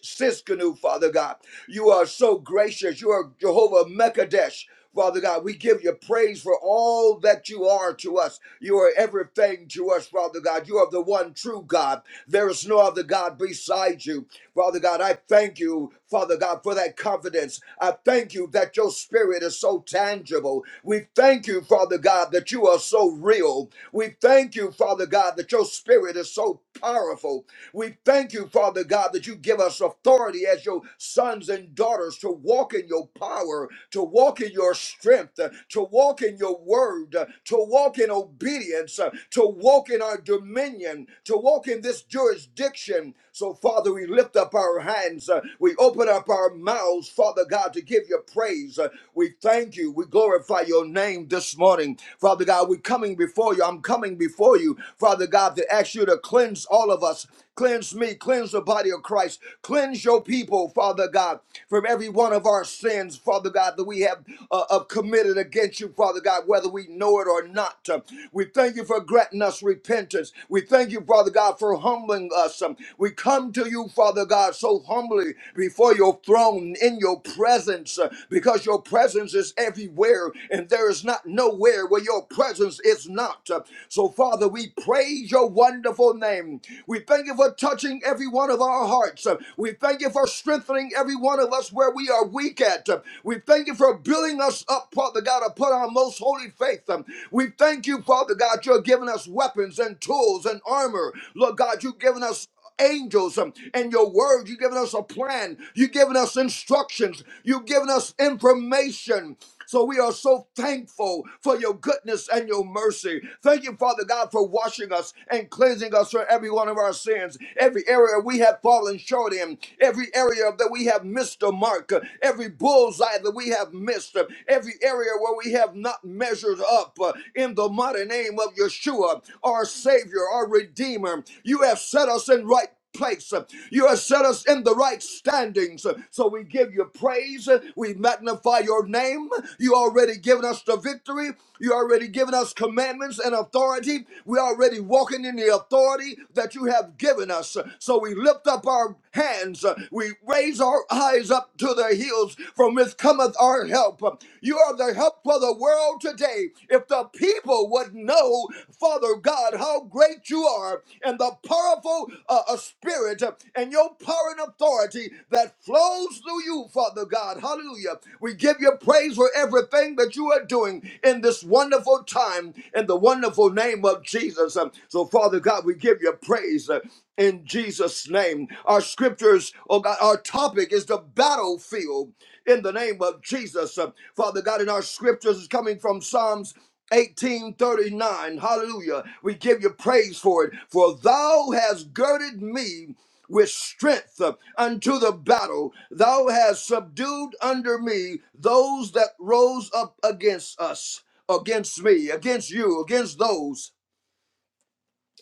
[SPEAKER 5] Siskanu, Father God. You are so gracious. You are Jehovah Mekadesh. Father God, we give you praise for all that you are to us. You are everything to us, Father God. You are the one true God. There is no other God beside you. Father God, I thank you, Father God, for that confidence. I thank you that your spirit is so tangible. We thank you, Father God, that you are so real. We thank you, Father God, that your spirit is so powerful. We thank you, Father God, that you give us authority as your sons and daughters to walk in your power, to walk in your strength, uh, to walk in your word, uh, to walk in obedience, uh, to walk in our dominion, to walk in this jurisdiction. So, Father, we lift up our hands, uh, we open up our mouths, Father God, to give you praise. Uh, We thank you, we glorify your name this morning. Father God, we're coming before you. I'm coming before you, Father God, to ask you to cleanse all of us Cleanse me, cleanse the body of Christ, cleanse your people, Father God, from every one of our sins, Father God, that we have uh, uh, committed against you, Father God, whether we know it or not. Um, we thank you for granting us repentance. We thank you, Father God, for humbling us. Um, we come to you, Father God, so humbly before your throne in your presence uh, because your presence is everywhere and there is not nowhere where your presence is not. Uh, so, Father, we praise your wonderful name. We thank you for touching every one of our hearts. Uh, We thank you for strengthening every one of us where we are weak at. Uh, We thank you for building us up, Father God, upon our most holy faith. Um, We thank you, Father God, you're giving us weapons and tools and armor. Lord God, you've given us angels um, and your word. You've given us a plan. You've given us instructions. You've given us information. So we are so thankful for your goodness and your mercy. Thank you, Father God, for washing us and cleansing us from every one of our sins, every area we have fallen short in, every area that we have missed the mark, uh, every bullseye that we have missed, uh, every area where we have not measured up uh, in the mighty mighty name of Yeshua, our Savior, our Redeemer. You have set us in right place. You have set us in the right standings. So we give you praise. We magnify your name. You already given us the victory. You already given us commandments and authority. we already walking in the authority that you have given us. So we lift up our hands. We raise our eyes up to the hills from which cometh cometh our help. You are the help for the world today. If the people would know, Father God, how great you are and the powerful uh, uh, spirit and your power and authority that flows through you, Father God. Hallelujah. We give you praise for everything that you are doing in this wonderful time in the wonderful name of Jesus. Um, So, Father God, we give you praise. uh, In Jesus' name, name. Our scriptures, oh God, our topic is the battlefield in the name of Jesus. Uh, Father God, in our scriptures is coming from Psalms 1839. Hallelujah. We give you praise for it. For thou hast girded me with strength uh, unto the battle. Thou hast subdued under me those that rose up against us, against me, against you, against those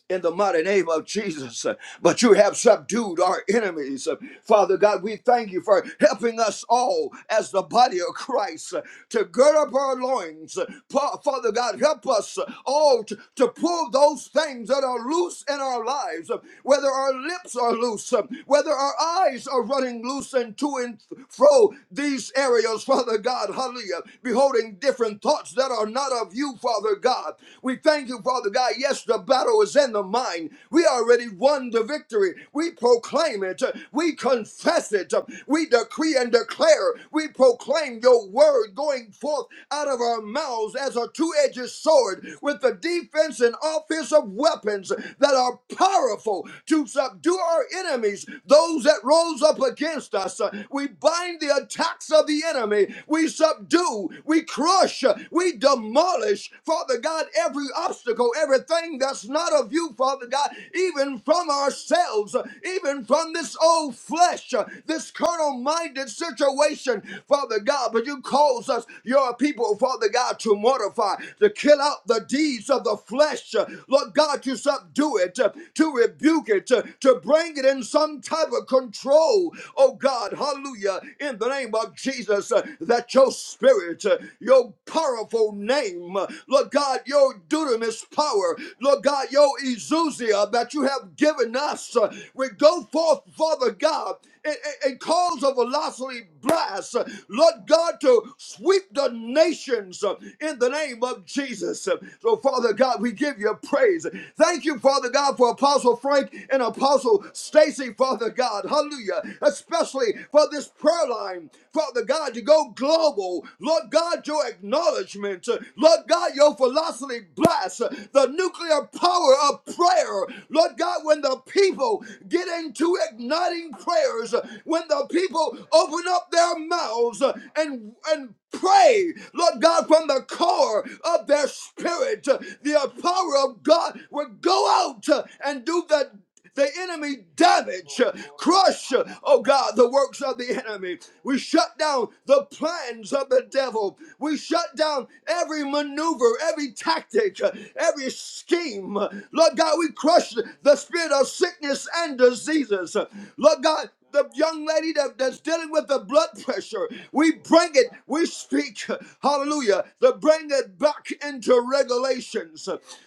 [SPEAKER 5] in the mighty name of Jesus. But you have subdued our enemies. Father God, we thank you for helping us all as the body of Christ to gird up our loins. Pa- Father God, help us all to, to pull those things that are loose in our lives, whether our lips are loose, whether our eyes are running loose and to and fro these areas, Father God, hallelujah, beholding different thoughts that are not of you, Father God. We thank you, Father God. Yes, Yes, the battle is in the mind. We already won the victory. We proclaim it. We confess it. We decree and declare. We proclaim your word going forth out of our mouths as a two edged sword with the defense and offense of weapons that are powerful to subdue our enemies, those that rose up against us. We bind the attacks of the enemy. We subdue, we crush, we demolish, Father God, every obstacle obstacle, everything that's not of you, Father God, even from ourselves, uh, even from this old flesh, uh, this carnal minded situation, Father God. But you cause us, your people, Father God, to mortify, to kill out the deeds of the flesh, uh, Lord God, to subdue it, uh, to rebuke it, uh, to bring it in some type of control, oh God, hallelujah, in the name of Jesus, uh, that your spirit, uh, your powerful name, uh, Lord God, God, your dunamis power, Lord God, your exousia that you have given us. Uh, We go forth, Father God, and, and, and cause a velocity blast, uh, Lord God, to sweep the nations uh, in the name of Jesus. Uh, So, Father God, we give you praise. Thank you, Father God, for Apostle Frank and Apostle Stacy, Father God. Hallelujah. Especially for this prayer line, Father God, to go global. Lord God, your acknowledgement. Lord God, your philosophy blasts the nuclear power of prayer. Lord God, when the people get into igniting prayers, when the people open up their mouths and and pray, Lord God, from the core of their spirit, the power of God will go out and do the the enemy damage, uh, crush, uh, oh God, the works of the enemy. We shut down the plans of the devil. We shut down every maneuver, every tactic, uh, every scheme. Lord God, we crush the spirit of sickness and diseases. Lord God, the young lady that, that's dealing with the blood pressure, we bring it, we speak, hallelujah, to bring it back into regulations.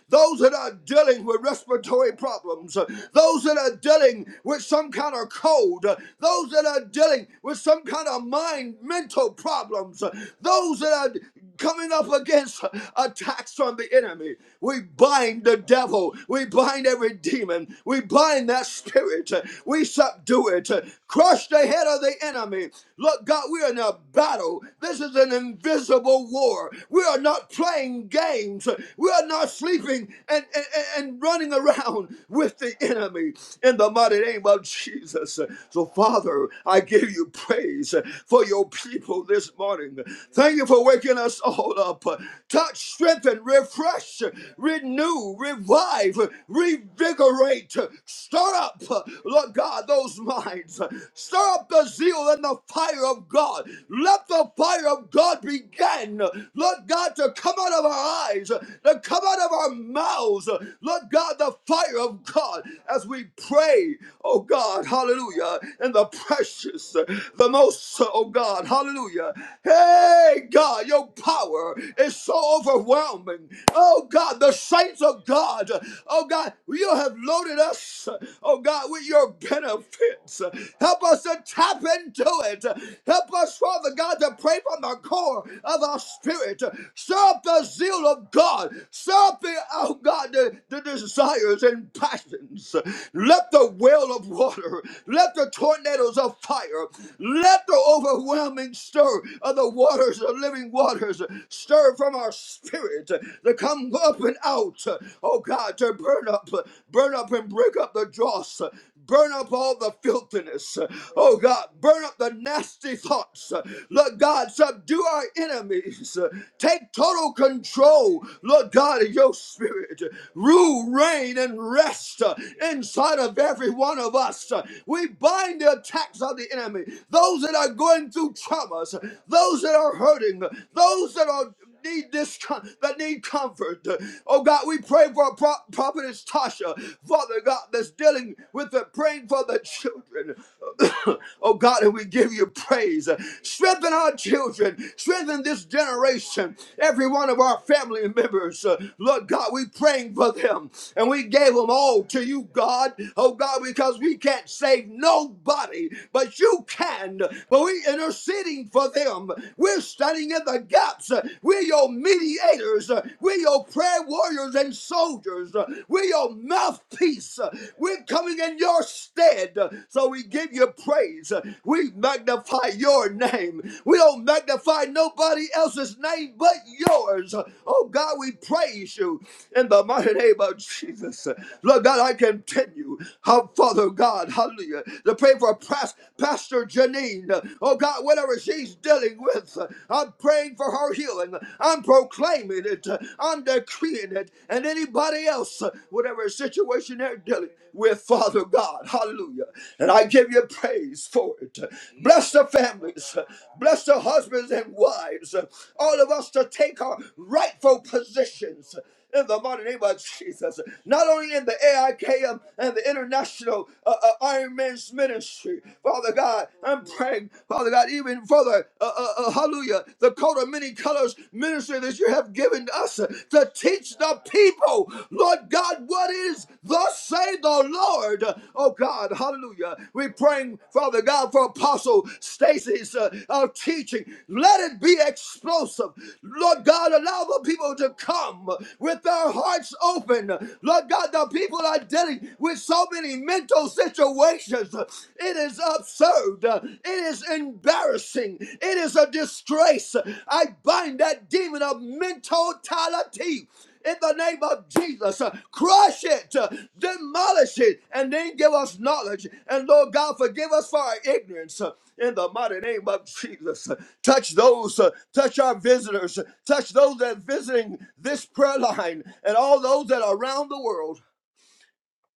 [SPEAKER 5] Those that are dealing with respiratory problems, those that are dealing with some kind of cold, those that are dealing with some kind of mind, mental problems, those that are coming up against attacks from the enemy. We bind the devil. We bind every demon. We bind that spirit. We subdue it. Crush the head of the enemy. Look, God, we are in a battle. This is an invisible war. We are not playing games. We are not sleeping and, and, and running around with the enemy in the mighty name of Jesus. So, Father, I give you praise for your people this morning. Thank you for waking us all up. Touch, strengthen, refresh, renew, revive, revigorate, stir up, Lord God, those minds. Stir up the zeal and the fire of God. Let the fire of God begin, Lord God, to come out of our eyes, to come out of our mouths. Lord God, the fire of God as we pray, oh God, hallelujah, in the precious, the most, oh God, hallelujah. Hallelujah. Hey, God, your power is so overwhelming. Oh, God, the saints of God. Oh, God, you have loaded us, oh, God, with your benefits. Help us to tap into it. Help us, Father God, to pray from the core of our spirit. Stir up the zeal of God. Stir up the, oh, God, the, the desires and passions. Let the well of water, let the tornadoes of fire, let the overwhelming stir of the waters the living waters. Stir from our spirit to come up and out. Oh God, to burn up, burn up and break up the dross. Burn up all the filthiness. Oh God, burn up the nasty thoughts. Lord God, subdue our enemies. Take total control, Lord God, of your spirit. Rule, reign, and rest inside of every one of us. We bind the attacks of the enemy me, those that are going through traumas, those that are hurting, those that are need this that need comfort. Oh God, we pray for Pro- prophetess Tasha, Father God, that's dealing with the praying for the children. oh God, and we give you praise. Strengthen our children, strengthen this generation, every one of our family members. Uh, Lord God, we praying for them, and we gave them all to you, God. Oh God, because we can't save nobody body, but you can. But we're interceding for them. We're standing in the gaps. We're your mediators. We're your prayer warriors and soldiers. We're your mouthpiece. We're coming in your stead. So we give you praise. We magnify your name. We don't magnify nobody else's name but yours. Oh God, we praise you in the mighty name of Jesus. Lord God, I continue. How Father God, hallelujah. To pray for Pas- Pastor Janine. Oh God, whatever she's dealing with, I'm praying for her healing. I'm proclaiming it. I'm decreeing it. And anybody else, whatever situation they're dealing with, Father God, hallelujah. And I give you praise for it. Bless the families. Bless the husbands and wives. All of us to take our rightful positions in the mighty name of Jesus. Not only in the AIKM and the International uh, uh, Iron Man's Ministry, Father God, I'm praying, Father God, even further, uh, uh, uh, hallelujah, the coat of many colors ministry that you have given us uh, to teach the people, Lord God, what is thus say the Lord, oh God, hallelujah. Hallelujah. We're praying, Father God, for Apostle Stacy's uh, uh, teaching. Let it be explosive. Lord God, allow the people to come with their hearts open. Lord God, the people are dealing with so many mental situations. It is absurd. It is embarrassing. It is a disgrace. I bind that demon of mentality in the name of Jesus. Uh, Crush it, uh, demolish it, and then give us knowledge. And Lord God, forgive us for our ignorance. uh, In the mighty name of Jesus, Uh, touch those, uh, touch our visitors, uh, touch those that are visiting this prayer line, and all those that are around the world.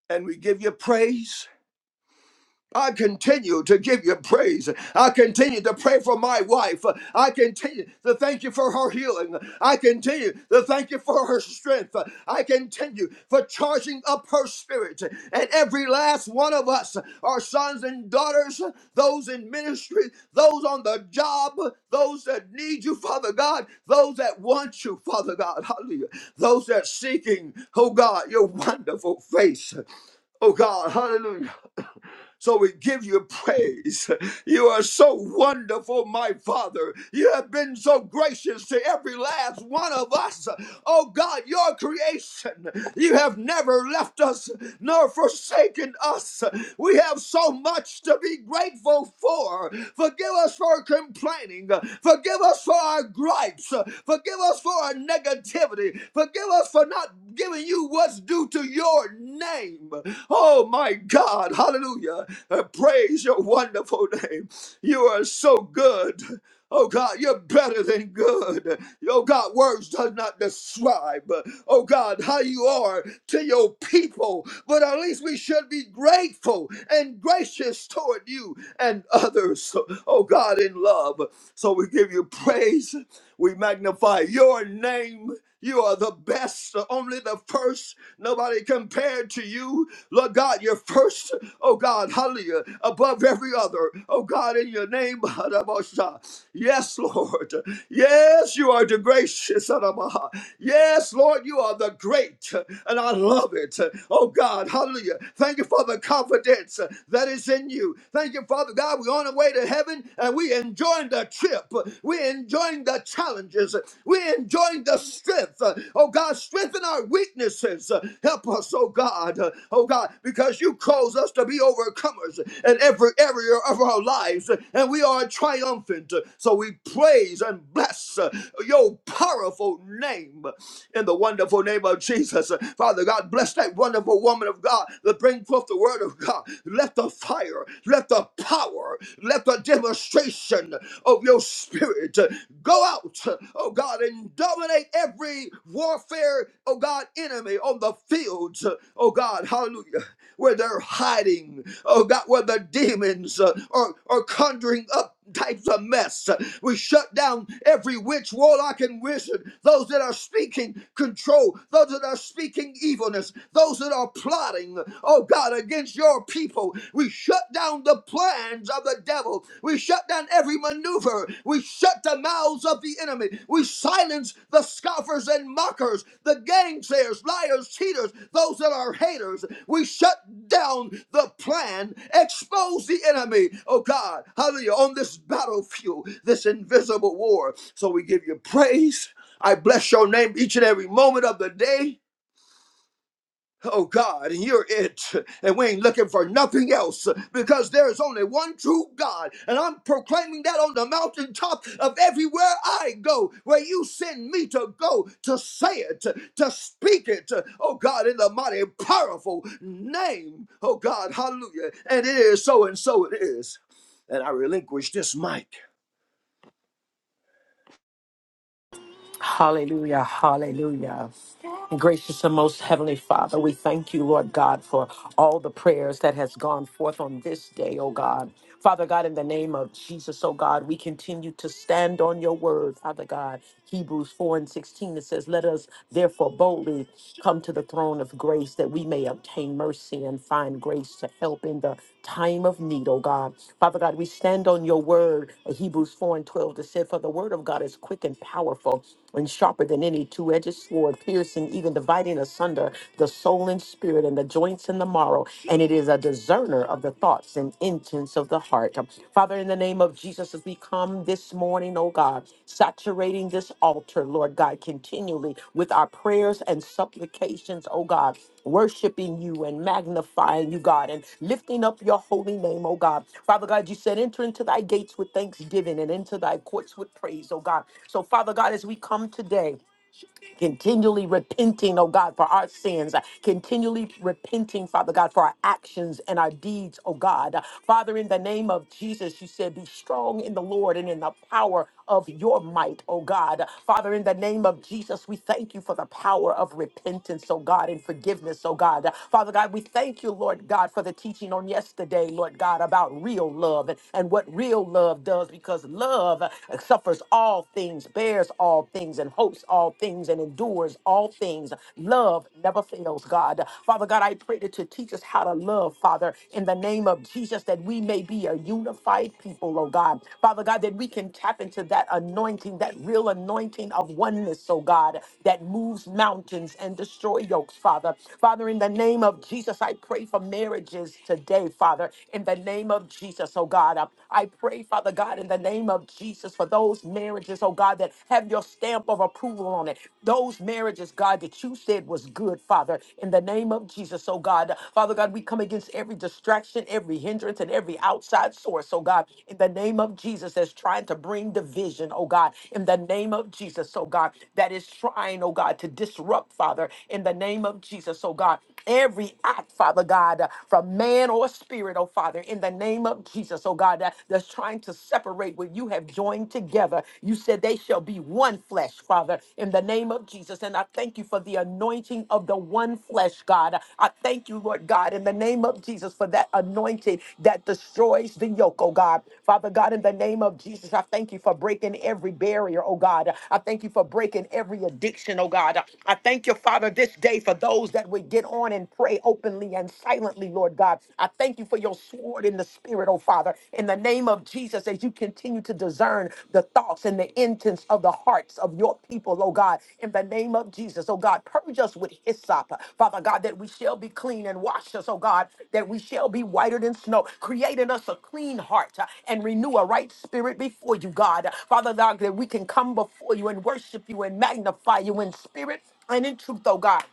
[SPEAKER 5] And we give you praise I continue to give you praise. I continue to pray for my wife. I continue to thank you for her healing. I continue to thank you for her strength. I continue for charging up her spirit. And every last one of us, our sons and daughters, those in ministry, those on the job, those that need you, Father God, those that want you, Father God, hallelujah, those that seeking, oh God, your wonderful face. Oh God, hallelujah. So we give you praise. You are so wonderful, my Father. You have been so gracious to every last one of us. Oh God, your creation. You have never left us nor forsaken us. We have so much to be grateful for. Forgive us for complaining. Forgive us for our gripes. Forgive us for our negativity. Forgive us for not giving you what's due to your name. Oh my God, hallelujah. I praise your wonderful name. You are so good. Oh God, you're better than good. Oh God, words does not describe. Oh God, how you are to your people. But at least we should be grateful and gracious toward you and others. Oh God, in love. So we give you praise. We magnify your name you are the best, only the first. Nobody compared to you. Lord God, you're first, oh God, hallelujah, above every other. Oh God, in your name, Hadabasha. yes, Lord. Yes, you are the gracious, Hadabaha. yes, Lord, you are the great, and I love it. Oh God, hallelujah. Thank you for the confidence that is in you. Thank you, Father God. We're on our way to heaven and we enjoying the trip. We're enjoying the challenges. We're enjoying the strength. Oh God, strengthen our weaknesses. Help us, oh God. Oh God, because you cause us to be overcomers in every area of our lives, and we are triumphant. So we praise and bless your powerful name in the wonderful name of Jesus. Father God, bless that wonderful woman of God that bring forth the word of God. Let the fire, let the power, let the demonstration of your spirit go out, oh God, and dominate every warfare, oh God, enemy on the fields, oh God, hallelujah, where they're hiding, oh God, where the demons uh, are, are conjuring up types of mess. We shut down every witch, warlock, and wizard, those that are speaking control, those that are speaking evilness wilderness, those that are plotting, oh God, against your people. We shut down the plans of the devil. We shut down every maneuver. We shut the mouths of the enemy. We silence the scoffers and mockers, the gainsayers, liars, cheaters, those that are haters. We shut down the plan, expose the enemy, oh God, hallelujah, on this battlefield, this invisible war. So we give you praise. I bless your name each and every moment of the day. Oh God, and you're it. And we ain't looking for nothing else because there is only one true God. And I'm proclaiming that on the mountaintop of everywhere I go, where you send me to go, to say it, to speak it. Oh God, in the mighty, powerful name. Oh God, hallelujah. And it is so and so it is. And I relinquish this mic.
[SPEAKER 1] Hallelujah, hallelujah. Gracious and most heavenly Father, we thank you, Lord God, for all the prayers that has gone forth on this day, oh God. Father God, in the name of Jesus, oh God, we continue to stand on your word, Father God. Hebrews 4 and 16, it says, Let us therefore boldly come to the throne of grace that we may obtain mercy and find grace to help in the time of need, oh God. Father God, we stand on your word, Hebrews 4 and 12, that said, For the word of God is quick and powerful and sharper than any two-edged sword, piercing even dividing asunder the soul and spirit and the joints and the marrow, and it is a discerner of the thoughts and intents of the heart. Father, in the name of Jesus, as we come this morning, oh God, saturating this altar, Lord Lord God, continually with our prayers and supplications, oh God, worshiping you and magnifying you, God, and lifting up your holy name, oh God. Father God, you said, enter into thy gates with thanksgiving and into thy courts with praise, oh God. So, Father God, as we come today, continually repenting, oh God, for our sins, continually repenting, Father God, for our actions and our deeds, oh God. Father, in the name of Jesus, you said, be strong in the Lord and in the power of your might, oh God. Father, in the name of Jesus, we thank you for the power of repentance, oh God, and forgiveness, oh God. Father God, we thank you, Lord God, for the teaching on yesterday, Lord God, about real love and, and what real love does because love suffers all things things, bears all things, and hopes all things, and endures all things. Love never fails, God. Father God, I pray that you teach us how to love, Father, in the name of Jesus, that we may be a unified people, oh God. Father God, that we can tap into that anointing, that real anointing of oneness, oh God, that moves mountains and destroy yokes, Father. Father, in the name of Jesus, I pray for marriages today, Father. In the name of Jesus, oh God, I pray, Father God. Father God, in the name of Jesus, for those marriages, oh God, that have your stamp of approval on it. Those marriages, God, that you said was good, Father, in the name of Jesus, oh God. Father God, we come against every distraction, every hindrance, and every outside source, oh God, in the name of Jesus, that's trying to bring division, oh God, in the name of Jesus, oh God, that is trying, oh God, to disrupt, Father, in the name of Jesus, oh God every act, Father God, uh, from man or spirit, oh Father, in the name of Jesus, oh God, uh, that's trying to separate what you have joined together. You said they shall be one flesh, Father, in the name of Jesus. And I thank you for the anointing of the one flesh, God. I thank you, Lord God, in the name of Jesus, for that anointing that destroys the yoke, oh God. Father God, in the name of Jesus, I thank you for breaking every barrier, oh God. I thank you for breaking every addiction, oh God. I thank you, Father, this day for those that would get on and pray openly and silently, Lord God. I thank you for your sword in the spirit, oh Father, in the name of Jesus, as you continue to discern the thoughts and the intents of the hearts of your people, oh God, in the name of Jesus, oh God. Purge us with hyssop, Father God, that we shall be clean and wash us, oh God, that we shall be whiter than snow. Create in us a clean heart uh, and renew a right spirit before you, God. Father God, that we can come before you and worship you and magnify you in spirit and in truth, oh God.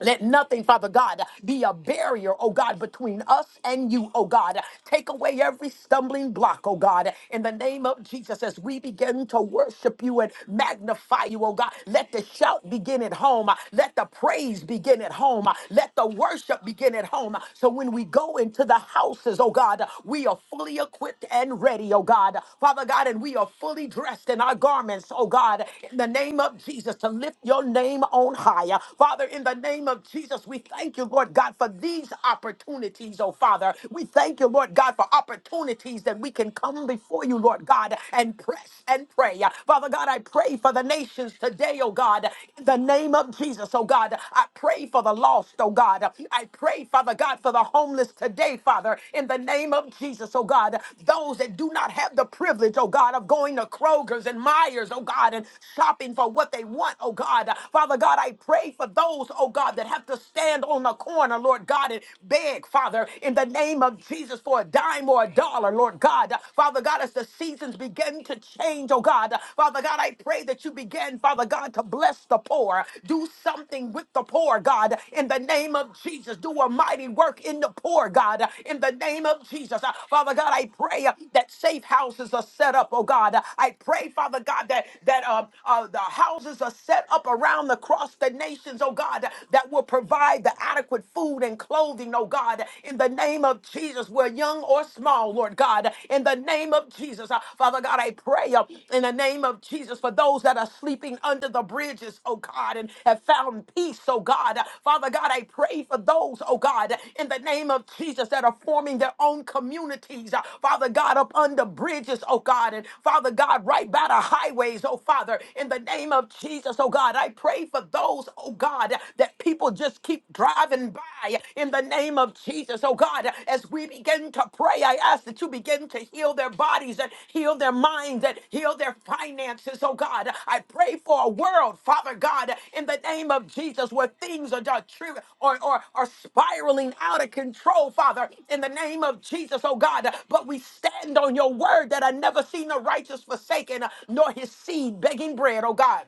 [SPEAKER 1] Let nothing, Father God, be a barrier, oh God, between us and you, oh God. Take away every stumbling block, oh God, in the name of Jesus as we begin to worship you and magnify you, oh God. Let the shout begin at home. Let the praise begin at home. Let the worship begin at home. So when we go into the houses, oh God, we are fully equipped and ready, oh God. Father God, and we are fully dressed in our garments, oh God, in the name of Jesus to lift your name on high. Father, Father, in the name of Jesus, we thank you, Lord God, for these opportunities, oh Father. We thank you, Lord God, for opportunities that we can come before you, Lord God, and press and pray. Father God, I pray for the nations today, oh God, in the name of Jesus, oh God. I pray for the lost, oh God. I pray, Father God, for the homeless today, Father, in the name of Jesus, oh God. Those that do not have the privilege, oh God, of going to Kroger's and Myers, oh God, and shopping for what they want, oh God. Father God, I pray for those, oh God, that have to stand on the corner, Lord God, and beg, Father, in the name of Jesus for a dime or a dollar, Lord God. Father God, as the seasons begin to change, oh God, Father God, I pray that you begin, Father God, to bless the poor. Do something with the poor, God, in the name of Jesus. Do a mighty work in the poor, God, in the name of Jesus. Uh, Father God, I pray uh, that safe houses are set up, oh God. Uh, I pray, Father God, that that uh, uh, the houses are set up around from across the nations, oh God, that will provide the adequate food and clothing, oh God, in the name of Jesus, where young or small, Lord God, in the name of Jesus. Uh, Father God, I pray uh, in the name of Jesus for those that are sleeping under the bridges, oh God, and have found peace, oh God. Uh, Father God, I pray for those, oh God, in the name of Jesus that are forming their own communities, uh, Father God, up under bridges, oh God, and Father God, right by the highways, oh Father, in the name of Jesus, oh God oh God. I pray for those, oh God, that people just keep driving by in the name of Jesus, oh God. As we begin to pray, I ask that you begin to heal their bodies and heal their minds and heal their finances, oh God. I pray for a world, Father God, in the name of Jesus, where things are just tri- or, or are spiraling out of control, Father, in the name of Jesus, oh God. But we stand on your word that I never seen the righteous forsaken, nor his seed begging bread, oh God.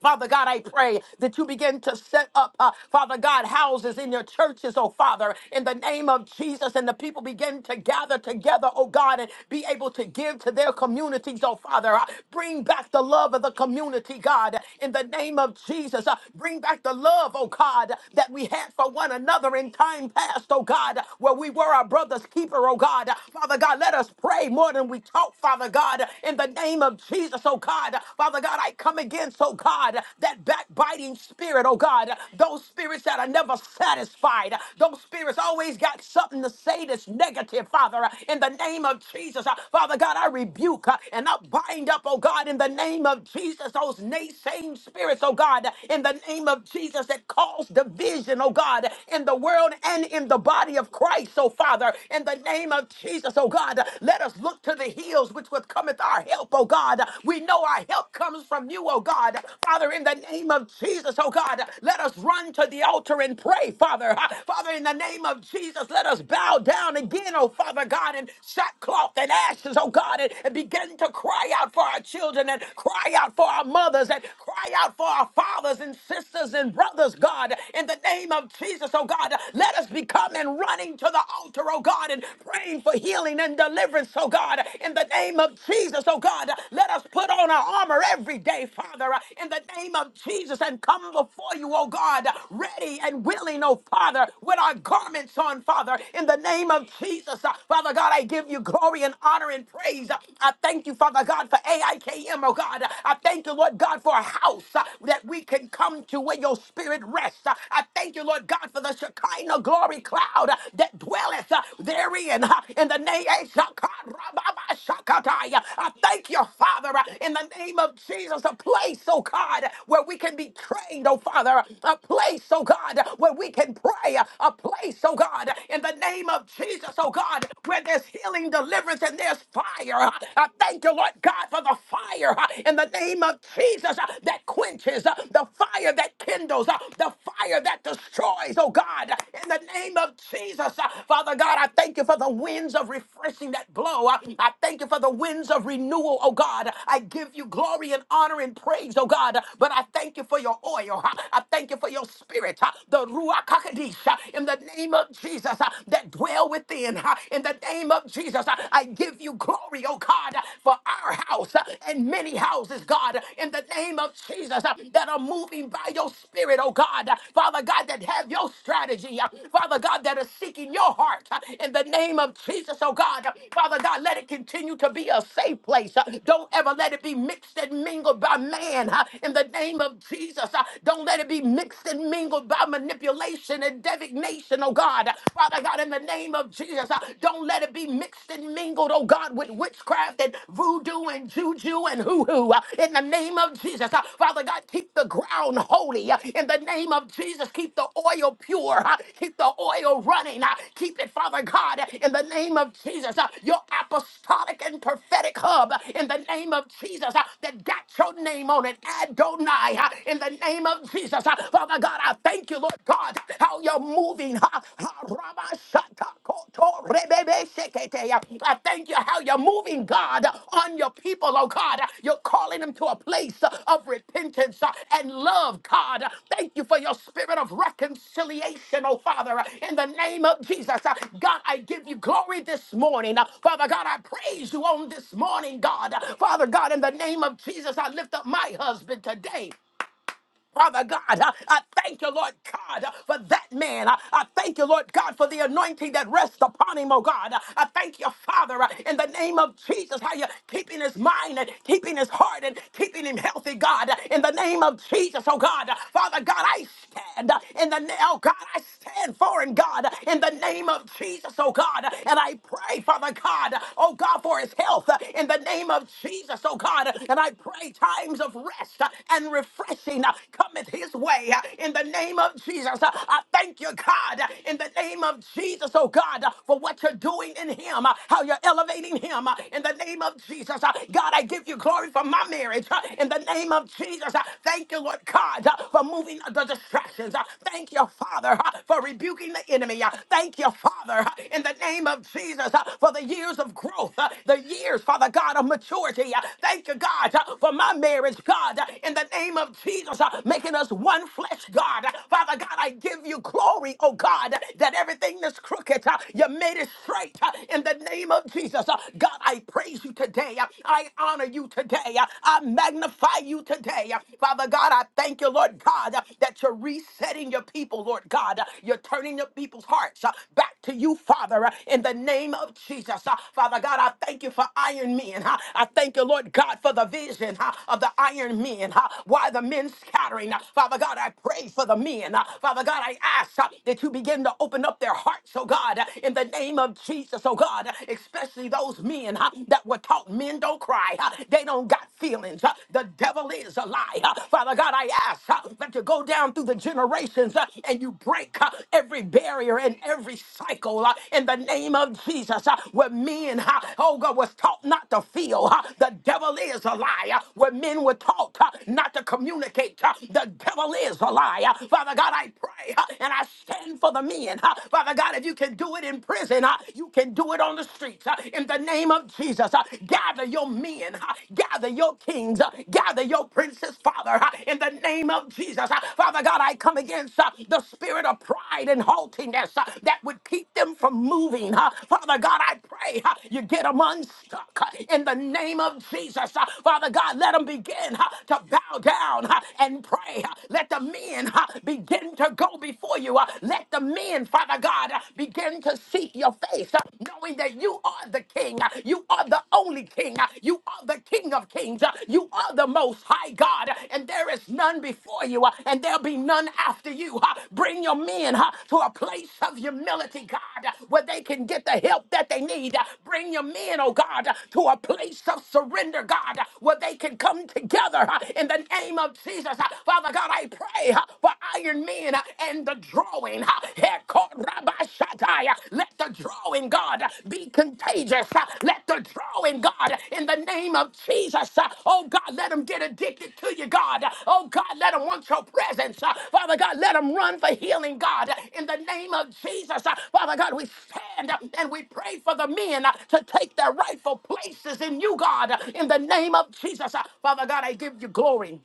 [SPEAKER 1] Father God, I pray that you begin to set up, uh, Father God, houses in your churches, oh Father, in the name of Jesus, and the people begin to gather together, oh God, and be able to give to their communities, oh Father. Uh, bring back the love of the community, God, in the name of Jesus. Uh, bring back the love, oh God, that we had for one another in time past, oh God, where we were our brother's keeper, oh God. Father God, let us pray more than we talk, Father God, in the name of Jesus, oh God. Father God, I come against, oh God, that backbiting spirit, oh God. Those spirits that are never satisfied. Those spirits always got something to say that's negative, Father. In the name of Jesus, uh, Father God, I rebuke uh, and I bind up, oh God, in the name of Jesus, those naysaying spirits, oh God, in the name of Jesus that cause division, oh God, in the world and in the body of Christ, oh Father, in the name of Jesus. Jesus, oh God. Let us look to the hills which would cometh our help, oh God. We know our help comes from you, oh God. Father, in the name of Jesus, oh God, let us run to the altar and pray, Father. Father, in the name of Jesus, let us bow down again, oh Father God, in sackcloth and ashes, oh God, and, and begin to cry out for our children and cry out for our mothers and cry out for our fathers and sisters and brothers, God. In the name of Jesus, oh God, let us just be coming running to the altar, oh God, and praying for healing and deliverance, oh God. In the name of Jesus, oh God, let us put on our armor every day, Father, in the name of Jesus, and come before you, oh God, ready and willing, oh Father, with our garments on, Father, in the name of Jesus. Father God, I give you glory and honor and praise. I thank you, Father God, for AIKM, oh God. I thank you, Lord God, for a house that we can come to where your your spirit rest. Uh, I thank you, Lord God, for the Shekinah glory cloud uh, that dwelleth uh, therein. uh, In the name of Shakatai. I thank you, Father, uh, in the name of Jesus, a place, oh God, where we can be trained, oh Father, a place, oh God, where we can pray, a place, oh God, in the name of Jesus, oh God, where there's healing, deliverance, and there's fire. I thank you, Lord God, for the fire in the name name of Jesus uh, that quenches, uh, the fire that kindles, uh, the fire that destroys, oh God, in the name of Jesus. uh, Father God, I thank you for the winds of refreshing that blow. Uh, I thank you for the winds of renewal, oh God. I give you glory and honor and praise, oh God. But I thank you for your oil. uh, I thank you for your spirit, uh, the Ruach HaKodesh, uh, in the name of Jesus uh, that dwell within. uh, In the name of Jesus, uh, I give you glory glory, oh God, for our house and many houses, God, in the name of Jesus, uh, that are moving by your spirit, oh God, Father God, that have your strategy, uh, Father God, that are seeking your heart uh, in the name of Jesus, oh God, Father God, let it continue to be a safe place. Uh, Don't ever let it be mixed and mingled by man uh, in the name of Jesus. uh, Don't let it be mixed and mingled by manipulation and divination, oh God, Father God, in the name of name of Jesus. Uh, Don't let it be mixed and mingled, oh God, with witchcraft and voodoo and juju and hoo hoo. In the name of Jesus, Uh, Father God, keep the ground holy. Uh, In the name of Jesus, keep the oil pure. Uh, Keep the oil running. Uh, Keep it, Father God, in the name of Jesus. Uh, Your apostolic and prophetic hub, uh, in the name of Jesus, uh, that got your name on it. Adonai, uh, in the name of Jesus. Uh, Father God, I thank you, Lord God. God, how you're moving. Ha, ha, raba, shata, koto, rebebe, shekete. yeah. I thank you how you're moving, God, on your people, oh God. You're calling them to a place of repentance and love, God. Thank you for your spirit of reconciliation, oh Father, in the name of Jesus. God, I give you glory this morning. Father God, I praise you on this morning, God. Father God, in the name of Jesus, I lift up my husband today. Father God, I I thank you, Lord God, uh, for that man. I I thank you, Lord God, for the anointing that rests upon him, oh God. Uh, I thank you, Father, uh, in the name of Jesus, how you're keeping his mind and keeping his heart and keeping him healthy, God. Uh, In the name of Jesus, oh God. Uh, Father God, I stand uh, in the name, oh God, I stand for him, God, uh, in the name of Jesus, oh God. Uh, And I pray, Father God, uh, oh God, for his health, uh, in the name of Jesus, oh God. Uh, And I pray times of rest uh, and refreshing uh, cometh his way uh, in the name of Jesus. Uh, I thank you, God, uh, in the name of Jesus, oh God, uh, for what you're doing in him, uh, how you're elevating him uh, in the name of Jesus. Uh, God, I give you glory for my marriage uh, in the name of Jesus. Uh, Thank you, Lord God, uh, for moving the distractions. Uh, Thank you, Father, uh, for rebuking the enemy. Uh, Thank you, Father, uh, in the name of Jesus, uh, for the years of growth, uh, the years, Father God, of maturity. Uh, Thank you, God, uh, for my marriage, God, uh, in the name of Jesus us, uh, making us one flesh, God. Father God, I give you glory, oh God, that everything that's crooked, uh, you made it straight uh, in the name of Jesus. Uh, God, I praise you today. Uh, I honor you today. Uh, I magnify you today. Uh, Father God, I thank you, Lord God, uh, that you're resetting your people, Lord God. Uh, You're turning your people's hearts uh, back to you, Father, uh, in the name of Jesus. Uh, Father God, I thank you for iron men. huh? I thank you, Lord God, for the vision huh, of the iron men. huh? Why the men and scattering. Uh, Father God, I pray for the men. Uh, Father God, I ask uh, that you begin to open up their hearts, oh God, uh, in the name of Jesus, oh God, uh, especially those men uh, that were taught men don't cry. Uh, They don't got feelings. Uh, The devil is a lie. Uh, Father God, I ask uh, that you go down through the generations uh, and you break uh, every barrier and every cycle uh, in the name of Jesus uh, where men, uh, oh God, was taught not to feel. uh, The devil is a lie. uh, Where men were taught uh, not to communicate communicate. uh, The devil is a liar. Father God, I pray uh, and I stand for the men. Uh, Father God, if you can do it in prison, uh, you can do it on the streets. Uh, In the name of Jesus, uh, gather your men, uh, gather your kings, uh, gather your princes, Father. uh, In the name of Jesus, Uh, Father God, I come against uh, the spirit of pride and haughtiness uh, that would keep them from moving. uh, Father God, I pray uh, you get them unstuck uh, in the name of Jesus. uh, Father God, let them begin uh, to bow down down uh, and pray. uh, Let the men uh, begin to go before you. uh, Let the men, Father God, uh, begin to seek your face, uh, knowing that you are the King. uh, You are the only King. uh, You are the King of Kings. uh, You are the Most High God, uh, and there is none before you, uh, and there'll be none after you. uh, Bring your men uh, to a place of humility, God, uh, where they can get the help that they need. uh, Bring your men, oh God, uh, to a place of surrender, God, uh, where they can come together uh, in the name name of Jesus. Uh, Father God, I pray uh, for Iron men uh, and the drawing. uh, Heko Rabba Shatai. Uh, Let the drawing, God, uh, be contagious. Uh, Let the drawing, God, in the name of Jesus. uh, Oh God, let them get addicted to you, God. Uh, Oh God, let them want your presence. Uh, Father God, let them run for healing, God, uh, in the name of Jesus. Uh, Father God, we stand uh, and we pray for the men uh, to take their rightful places in you, God, uh, in the name of Jesus. Uh, Father God, I give you glory.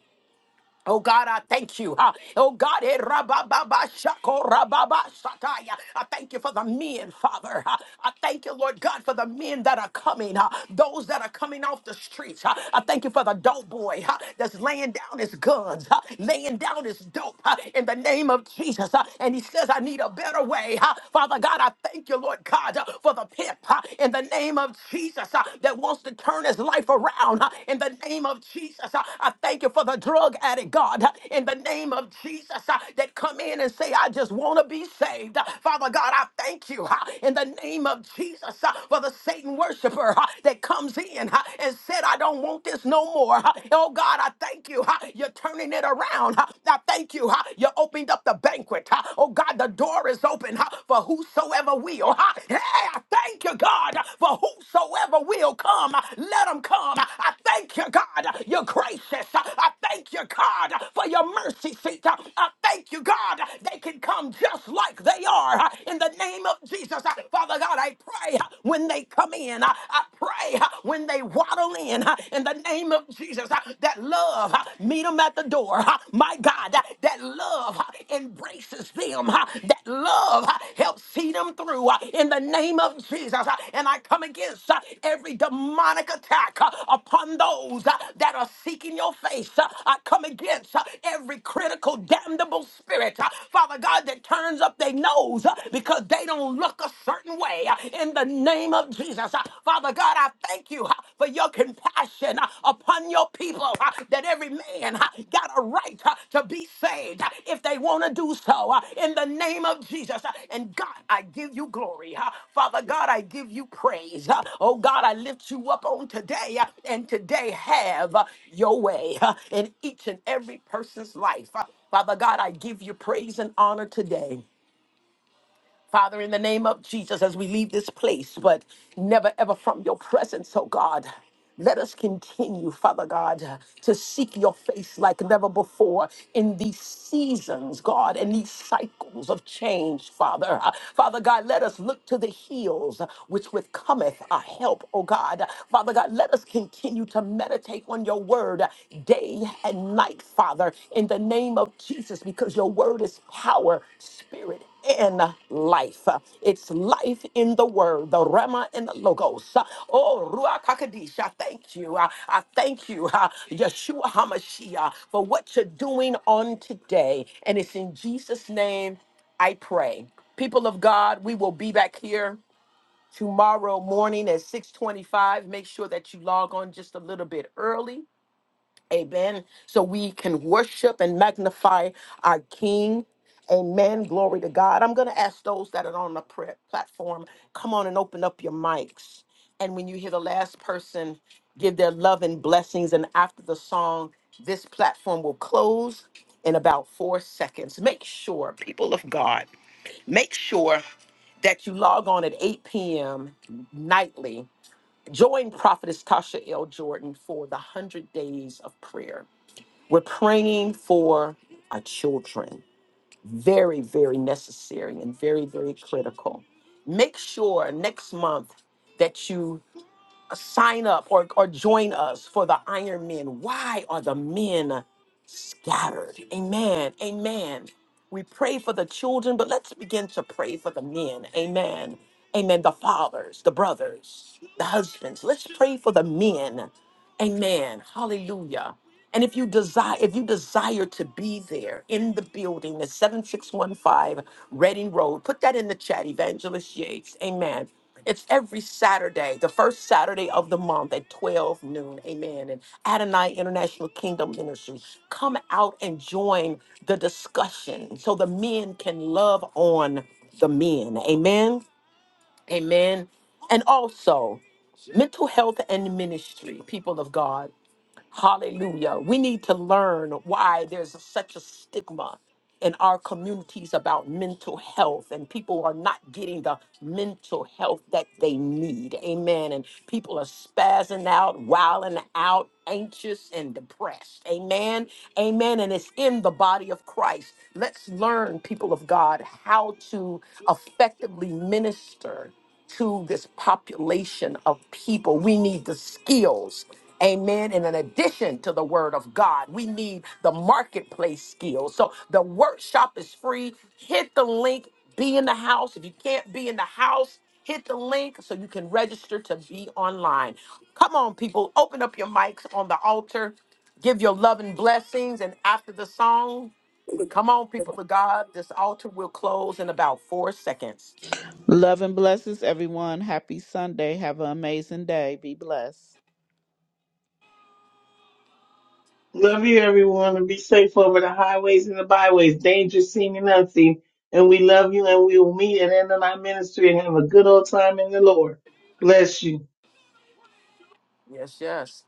[SPEAKER 1] Oh God, I thank you. Ah, Oh God, eh, rabababa, shako, rababa, shataya. I thank you for the men, Father. Ah, I thank you, Lord God, for the men that are coming, ah, those that are coming off the streets. Ah, I thank you for the dope boy ah, that's laying down his guns, ah, laying down his dope ah, in the name of Jesus. Ah, And he says, I need a better way. Ah, Father God, I thank you, Lord God, ah, for the pimp ah, in the name of Jesus that wants to turn his life around. huh, In the name of Jesus, huh, I thank you for the drug addict, God. huh, In the name of Jesus, huh, that come in and say, I just want to be saved. huh. Father God, I thank you huh, in the name of Jesus huh, for the Satan worshiper huh, that comes in huh, and said, I don't want this no more. huh. Oh God, I thank you. huh, You're turning it around. huh. I thank you. huh, You opened up the banquet. huh. Oh God, the door is open is open huh, for whosoever will. huh. Hey, I thank you, God, for whosoever will come. Let them come. I thank you, God. You're gracious. I thank you, God, for your mercy seat. I thank you, God. They can come just like they are. huh, In the name of Jesus, huh, Father God, I pray huh, when they come in. I I pray huh, when they waddle in. huh, In the name of Jesus, huh, that love huh, meet them at the door. huh? My God, that, that love huh, embraces them. huh? That love huh, helps see them through huh, in the name of Jesus. huh? And I come against huh, every demonic attack huh, upon those huh, that are seeking your face. huh? I come against huh, every critical, damnable spirit, huh, Father God, that turns up their nose huh, because they don't look a certain way uh, in the name of Jesus. Uh, Father God, I thank you uh, for your compassion uh, upon your people uh, that every man uh, got a right uh, to be saved uh, if they want to do so uh, in the name of Jesus. Uh, And God, I give you glory. uh, Father God, I give you praise. Uh, Oh God, I lift you up on today uh, and today have uh, your way uh, in each and every person's life. Uh, Father God, I give you praise and honor today. Father, in the name of Jesus, as we leave this place, but never ever from your presence, oh God. Let us continue, Father God, to seek your face like never before in these seasons, God, and these cycles of change, Father. Father God, let us look to the hills which with cometh our help, oh God. Father God, let us continue to meditate on your word day and night, Father, in the name of Jesus, because your word is power, spirit, in life. It's life in the word, the Rema and the Logos. Oh, Ruach HaKodesh, I thank you. I, I thank you, uh, Yeshua HaMashiach, for what you're doing on today. And it's in Jesus' name I pray. People of God, we will be back here tomorrow morning at 625. Make sure that you log on just a little bit early Amen. So we can worship and magnify our King. Amen. Glory to God. I'm going to ask those that are on the prayer platform, come on and open up your mics. And when you hear the last person give their love and blessings, and after the song, this platform will close in about four seconds. Make sure, people of God, make sure that you log on at 8 p.m. nightly. Join Prophetess Tasha L. Jordan for the 100 Days of Prayer. We're praying for our children. Very, very necessary and very, very critical. Make sure next month that you sign up or, or join us for the Iron Men. Why are the men scattered? Amen. Amen. We pray for the children, but let's begin to pray for the men. Amen. Amen. The fathers, the brothers, the husbands. Let's pray for the men. Amen. Hallelujah. And if you desire, if you desire to be there in the building, the 7615 Reading Road, put that in the chat, Evangelist Yates. Amen. It's every Saturday, the first Saturday of the month at 12 noon. Amen. And Adonai International Kingdom Ministry. Come out and join the discussion so the men can love on the men. Amen. Amen. And also, mental health and ministry, people of God. Hallelujah. We need to learn why there's such a stigma in our communities about mental health and people are not getting the mental health that they need. Amen. And people are spazzing out, wilding out, anxious and depressed. Amen. Amen. And it's in the body of Christ. Let's learn, people of God, how to effectively minister to this population of people. We need the skills. Amen. And in addition to the word of God, we need the marketplace skills. So the workshop is free. Hit the link, be in the house. If you can't be in the house, hit the link so you can register to be online. Come on, people, open up your mics on the altar, give your love and blessings. And after the song, come on, people of God, this altar will close in about four seconds.
[SPEAKER 4] Love and blessings, everyone. Happy Sunday. Have an amazing day. Be blessed.
[SPEAKER 3] Love you, everyone, and be safe over the highways and the byways, dangerous seen and unseen. And we love you, and we will meet at the end of our ministry and have a good old time in the Lord. Bless you.
[SPEAKER 1] Yes, yes.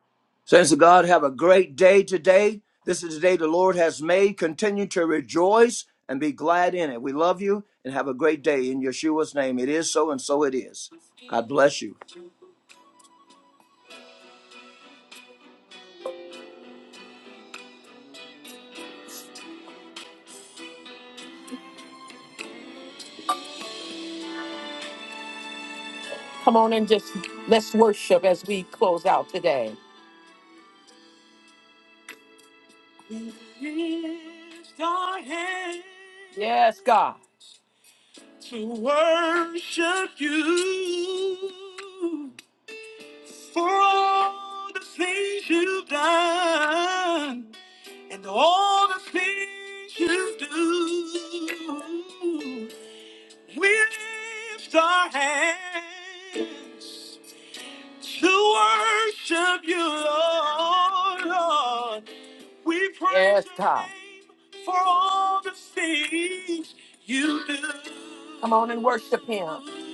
[SPEAKER 5] Saints of God, have a great day today. This is the day the Lord has made. Continue to rejoice and be glad in it. We love you and have a great day. In Yeshua's name, it is so and so it is. God bless you.
[SPEAKER 1] Come on and just let's worship as we close out today. Lift our hands. Yes, God. to worship You You've You for all all the the things things done and all the things you do. We lift our hands. to worship you, Lord. Lord. We praise yes, your God. name for all the things you do. Come on and worship him.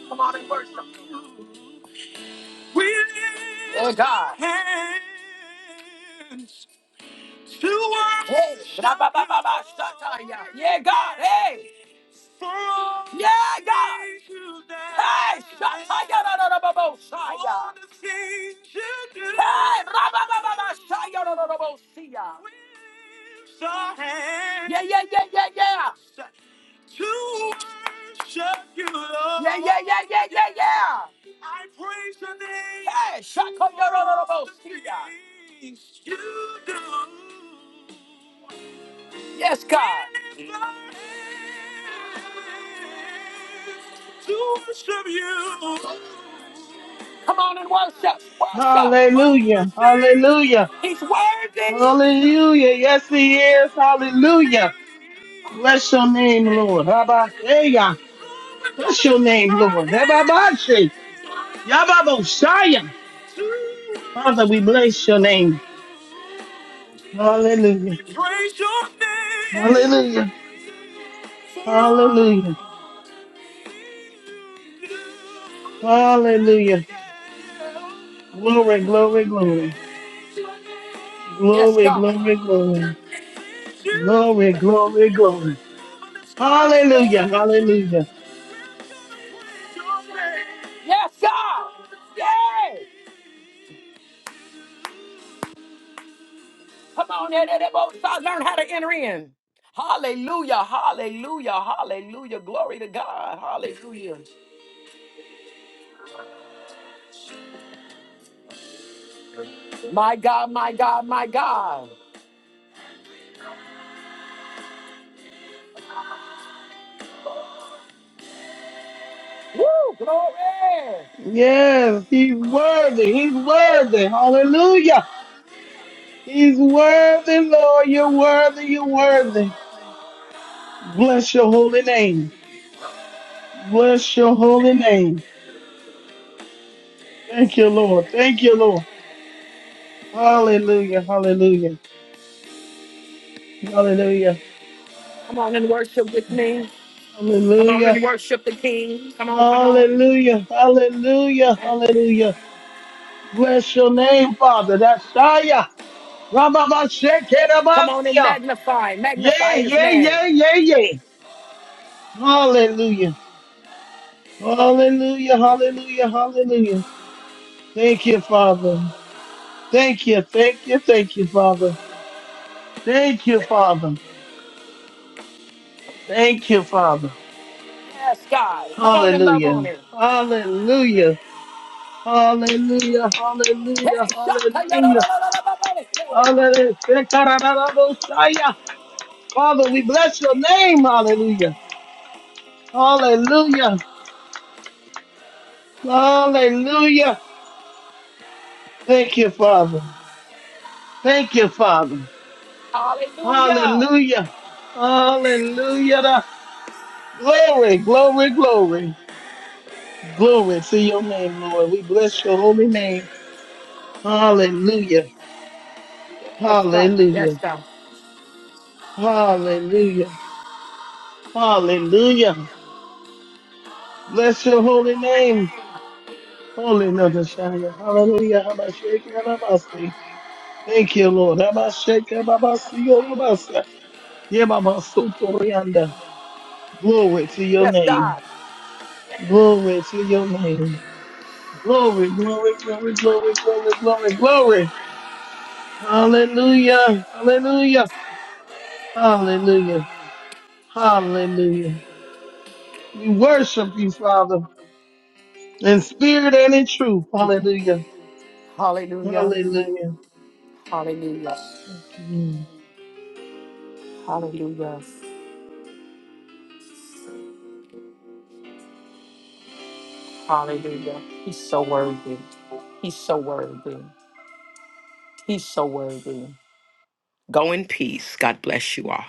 [SPEAKER 1] Come on and worship him. We lift oh, God. our hands Hey, shabba shataya. Yeah, God. Hey. Yeah, God. Hey, shataya, da, da, shaya. Hey, ra ba ba shaya, Yeah, yeah, yeah, yeah, yeah. Yeah, yeah, yeah, yeah, yeah. Hey, shataya, da- Yes, God. Come on and worship. Worship.
[SPEAKER 3] Hallelujah. Hallelujah.
[SPEAKER 1] He's worthy.
[SPEAKER 3] Hallelujah. Yes, He is. Hallelujah. Bless your name, Lord. Habakkuk. Bless your name, Lord. Habakkuk. Yababoshaya. Father, we bless your name. Hallelujah. Hallelujah. Hallelujah. Hallelujah. Glory, glory, glory.
[SPEAKER 1] Yes,
[SPEAKER 3] Glory,
[SPEAKER 1] God.
[SPEAKER 3] glory, glory. Glory, glory, glory. Hallelujah, hallelujah.
[SPEAKER 1] Yes, God. Yeah. Come on, Edebosa, learn how to enter in. Hallelujah, hallelujah, hallelujah. Glory to God, hallelujah. My God, my God, my God. Woo, glory.
[SPEAKER 3] Yes, he's worthy, he's worthy. Hallelujah. He's worthy, Lord. You're worthy, you're worthy. Bless your holy name. Bless your holy name. Thank you, Lord. Thank you, Lord. Hallelujah, hallelujah. Hallelujah,
[SPEAKER 1] Come on and worship with me. Come on
[SPEAKER 3] hallelujah.
[SPEAKER 1] and worship the King. Come on, come on.
[SPEAKER 3] Hallelujah, hallelujah, hallelujah. Bless your name, Father. That's Shia.
[SPEAKER 1] Come on and
[SPEAKER 3] Rababashekerabastia.
[SPEAKER 1] magnify,
[SPEAKER 3] Yeah,
[SPEAKER 1] magnify his
[SPEAKER 3] yeah,
[SPEAKER 1] name.
[SPEAKER 3] yeah, yeah, yeah. Hallelujah. Hallelujah. Hallelujah. Hallelujah. Thank you, Father. Thank you. Thank you. Thank you, Father. Thank you, Father. Thank you, Father.
[SPEAKER 1] Yes, God. Come on and love
[SPEAKER 3] Hallelujah.
[SPEAKER 1] on him.
[SPEAKER 3] Hallelujah. Hallelujah. Hallelujah.
[SPEAKER 1] Hey, shaka, ya, da,
[SPEAKER 3] Hallelujah.
[SPEAKER 1] da, da, da, da, da, da, da, da.
[SPEAKER 3] Hallelujah. Shekarababosaya. Father, we bless your name. Hallelujah. Hallelujah. Hallelujah. Thank you, Father. Thank you, Father.
[SPEAKER 1] Hallelujah.
[SPEAKER 3] Hallelujah. Hallelujah. Glory, glory, glory. Glory to your name, Lord. We bless your holy name. Hallelujah.
[SPEAKER 1] Yes, God.
[SPEAKER 3] Hallelujah.
[SPEAKER 1] Yes, God.
[SPEAKER 3] Hallelujah. Hallelujah. Bless your holy name. Holy Nother Shire. Hallelujah. Habashake Alabasi. Thank you, Lord. Habashake Babasi Yorobasa. Yemama Glory to your
[SPEAKER 1] Yes,
[SPEAKER 3] name.
[SPEAKER 1] God.
[SPEAKER 3] Glory to your name. Glory, glory, glory, glory, glory, glory, glory. Hallelujah. Hallelujah. Hallelujah. Hallelujah. We worship you, Father, in spirit and in truth. Hallelujah.
[SPEAKER 1] Hallelujah.
[SPEAKER 3] Hallelujah.
[SPEAKER 1] Hallelujah.
[SPEAKER 3] Thank you. Lord.
[SPEAKER 1] Hallelujah. Hallelujah. He's so worthy. He's so worthy. He's so worthy. Go in peace. God bless you all.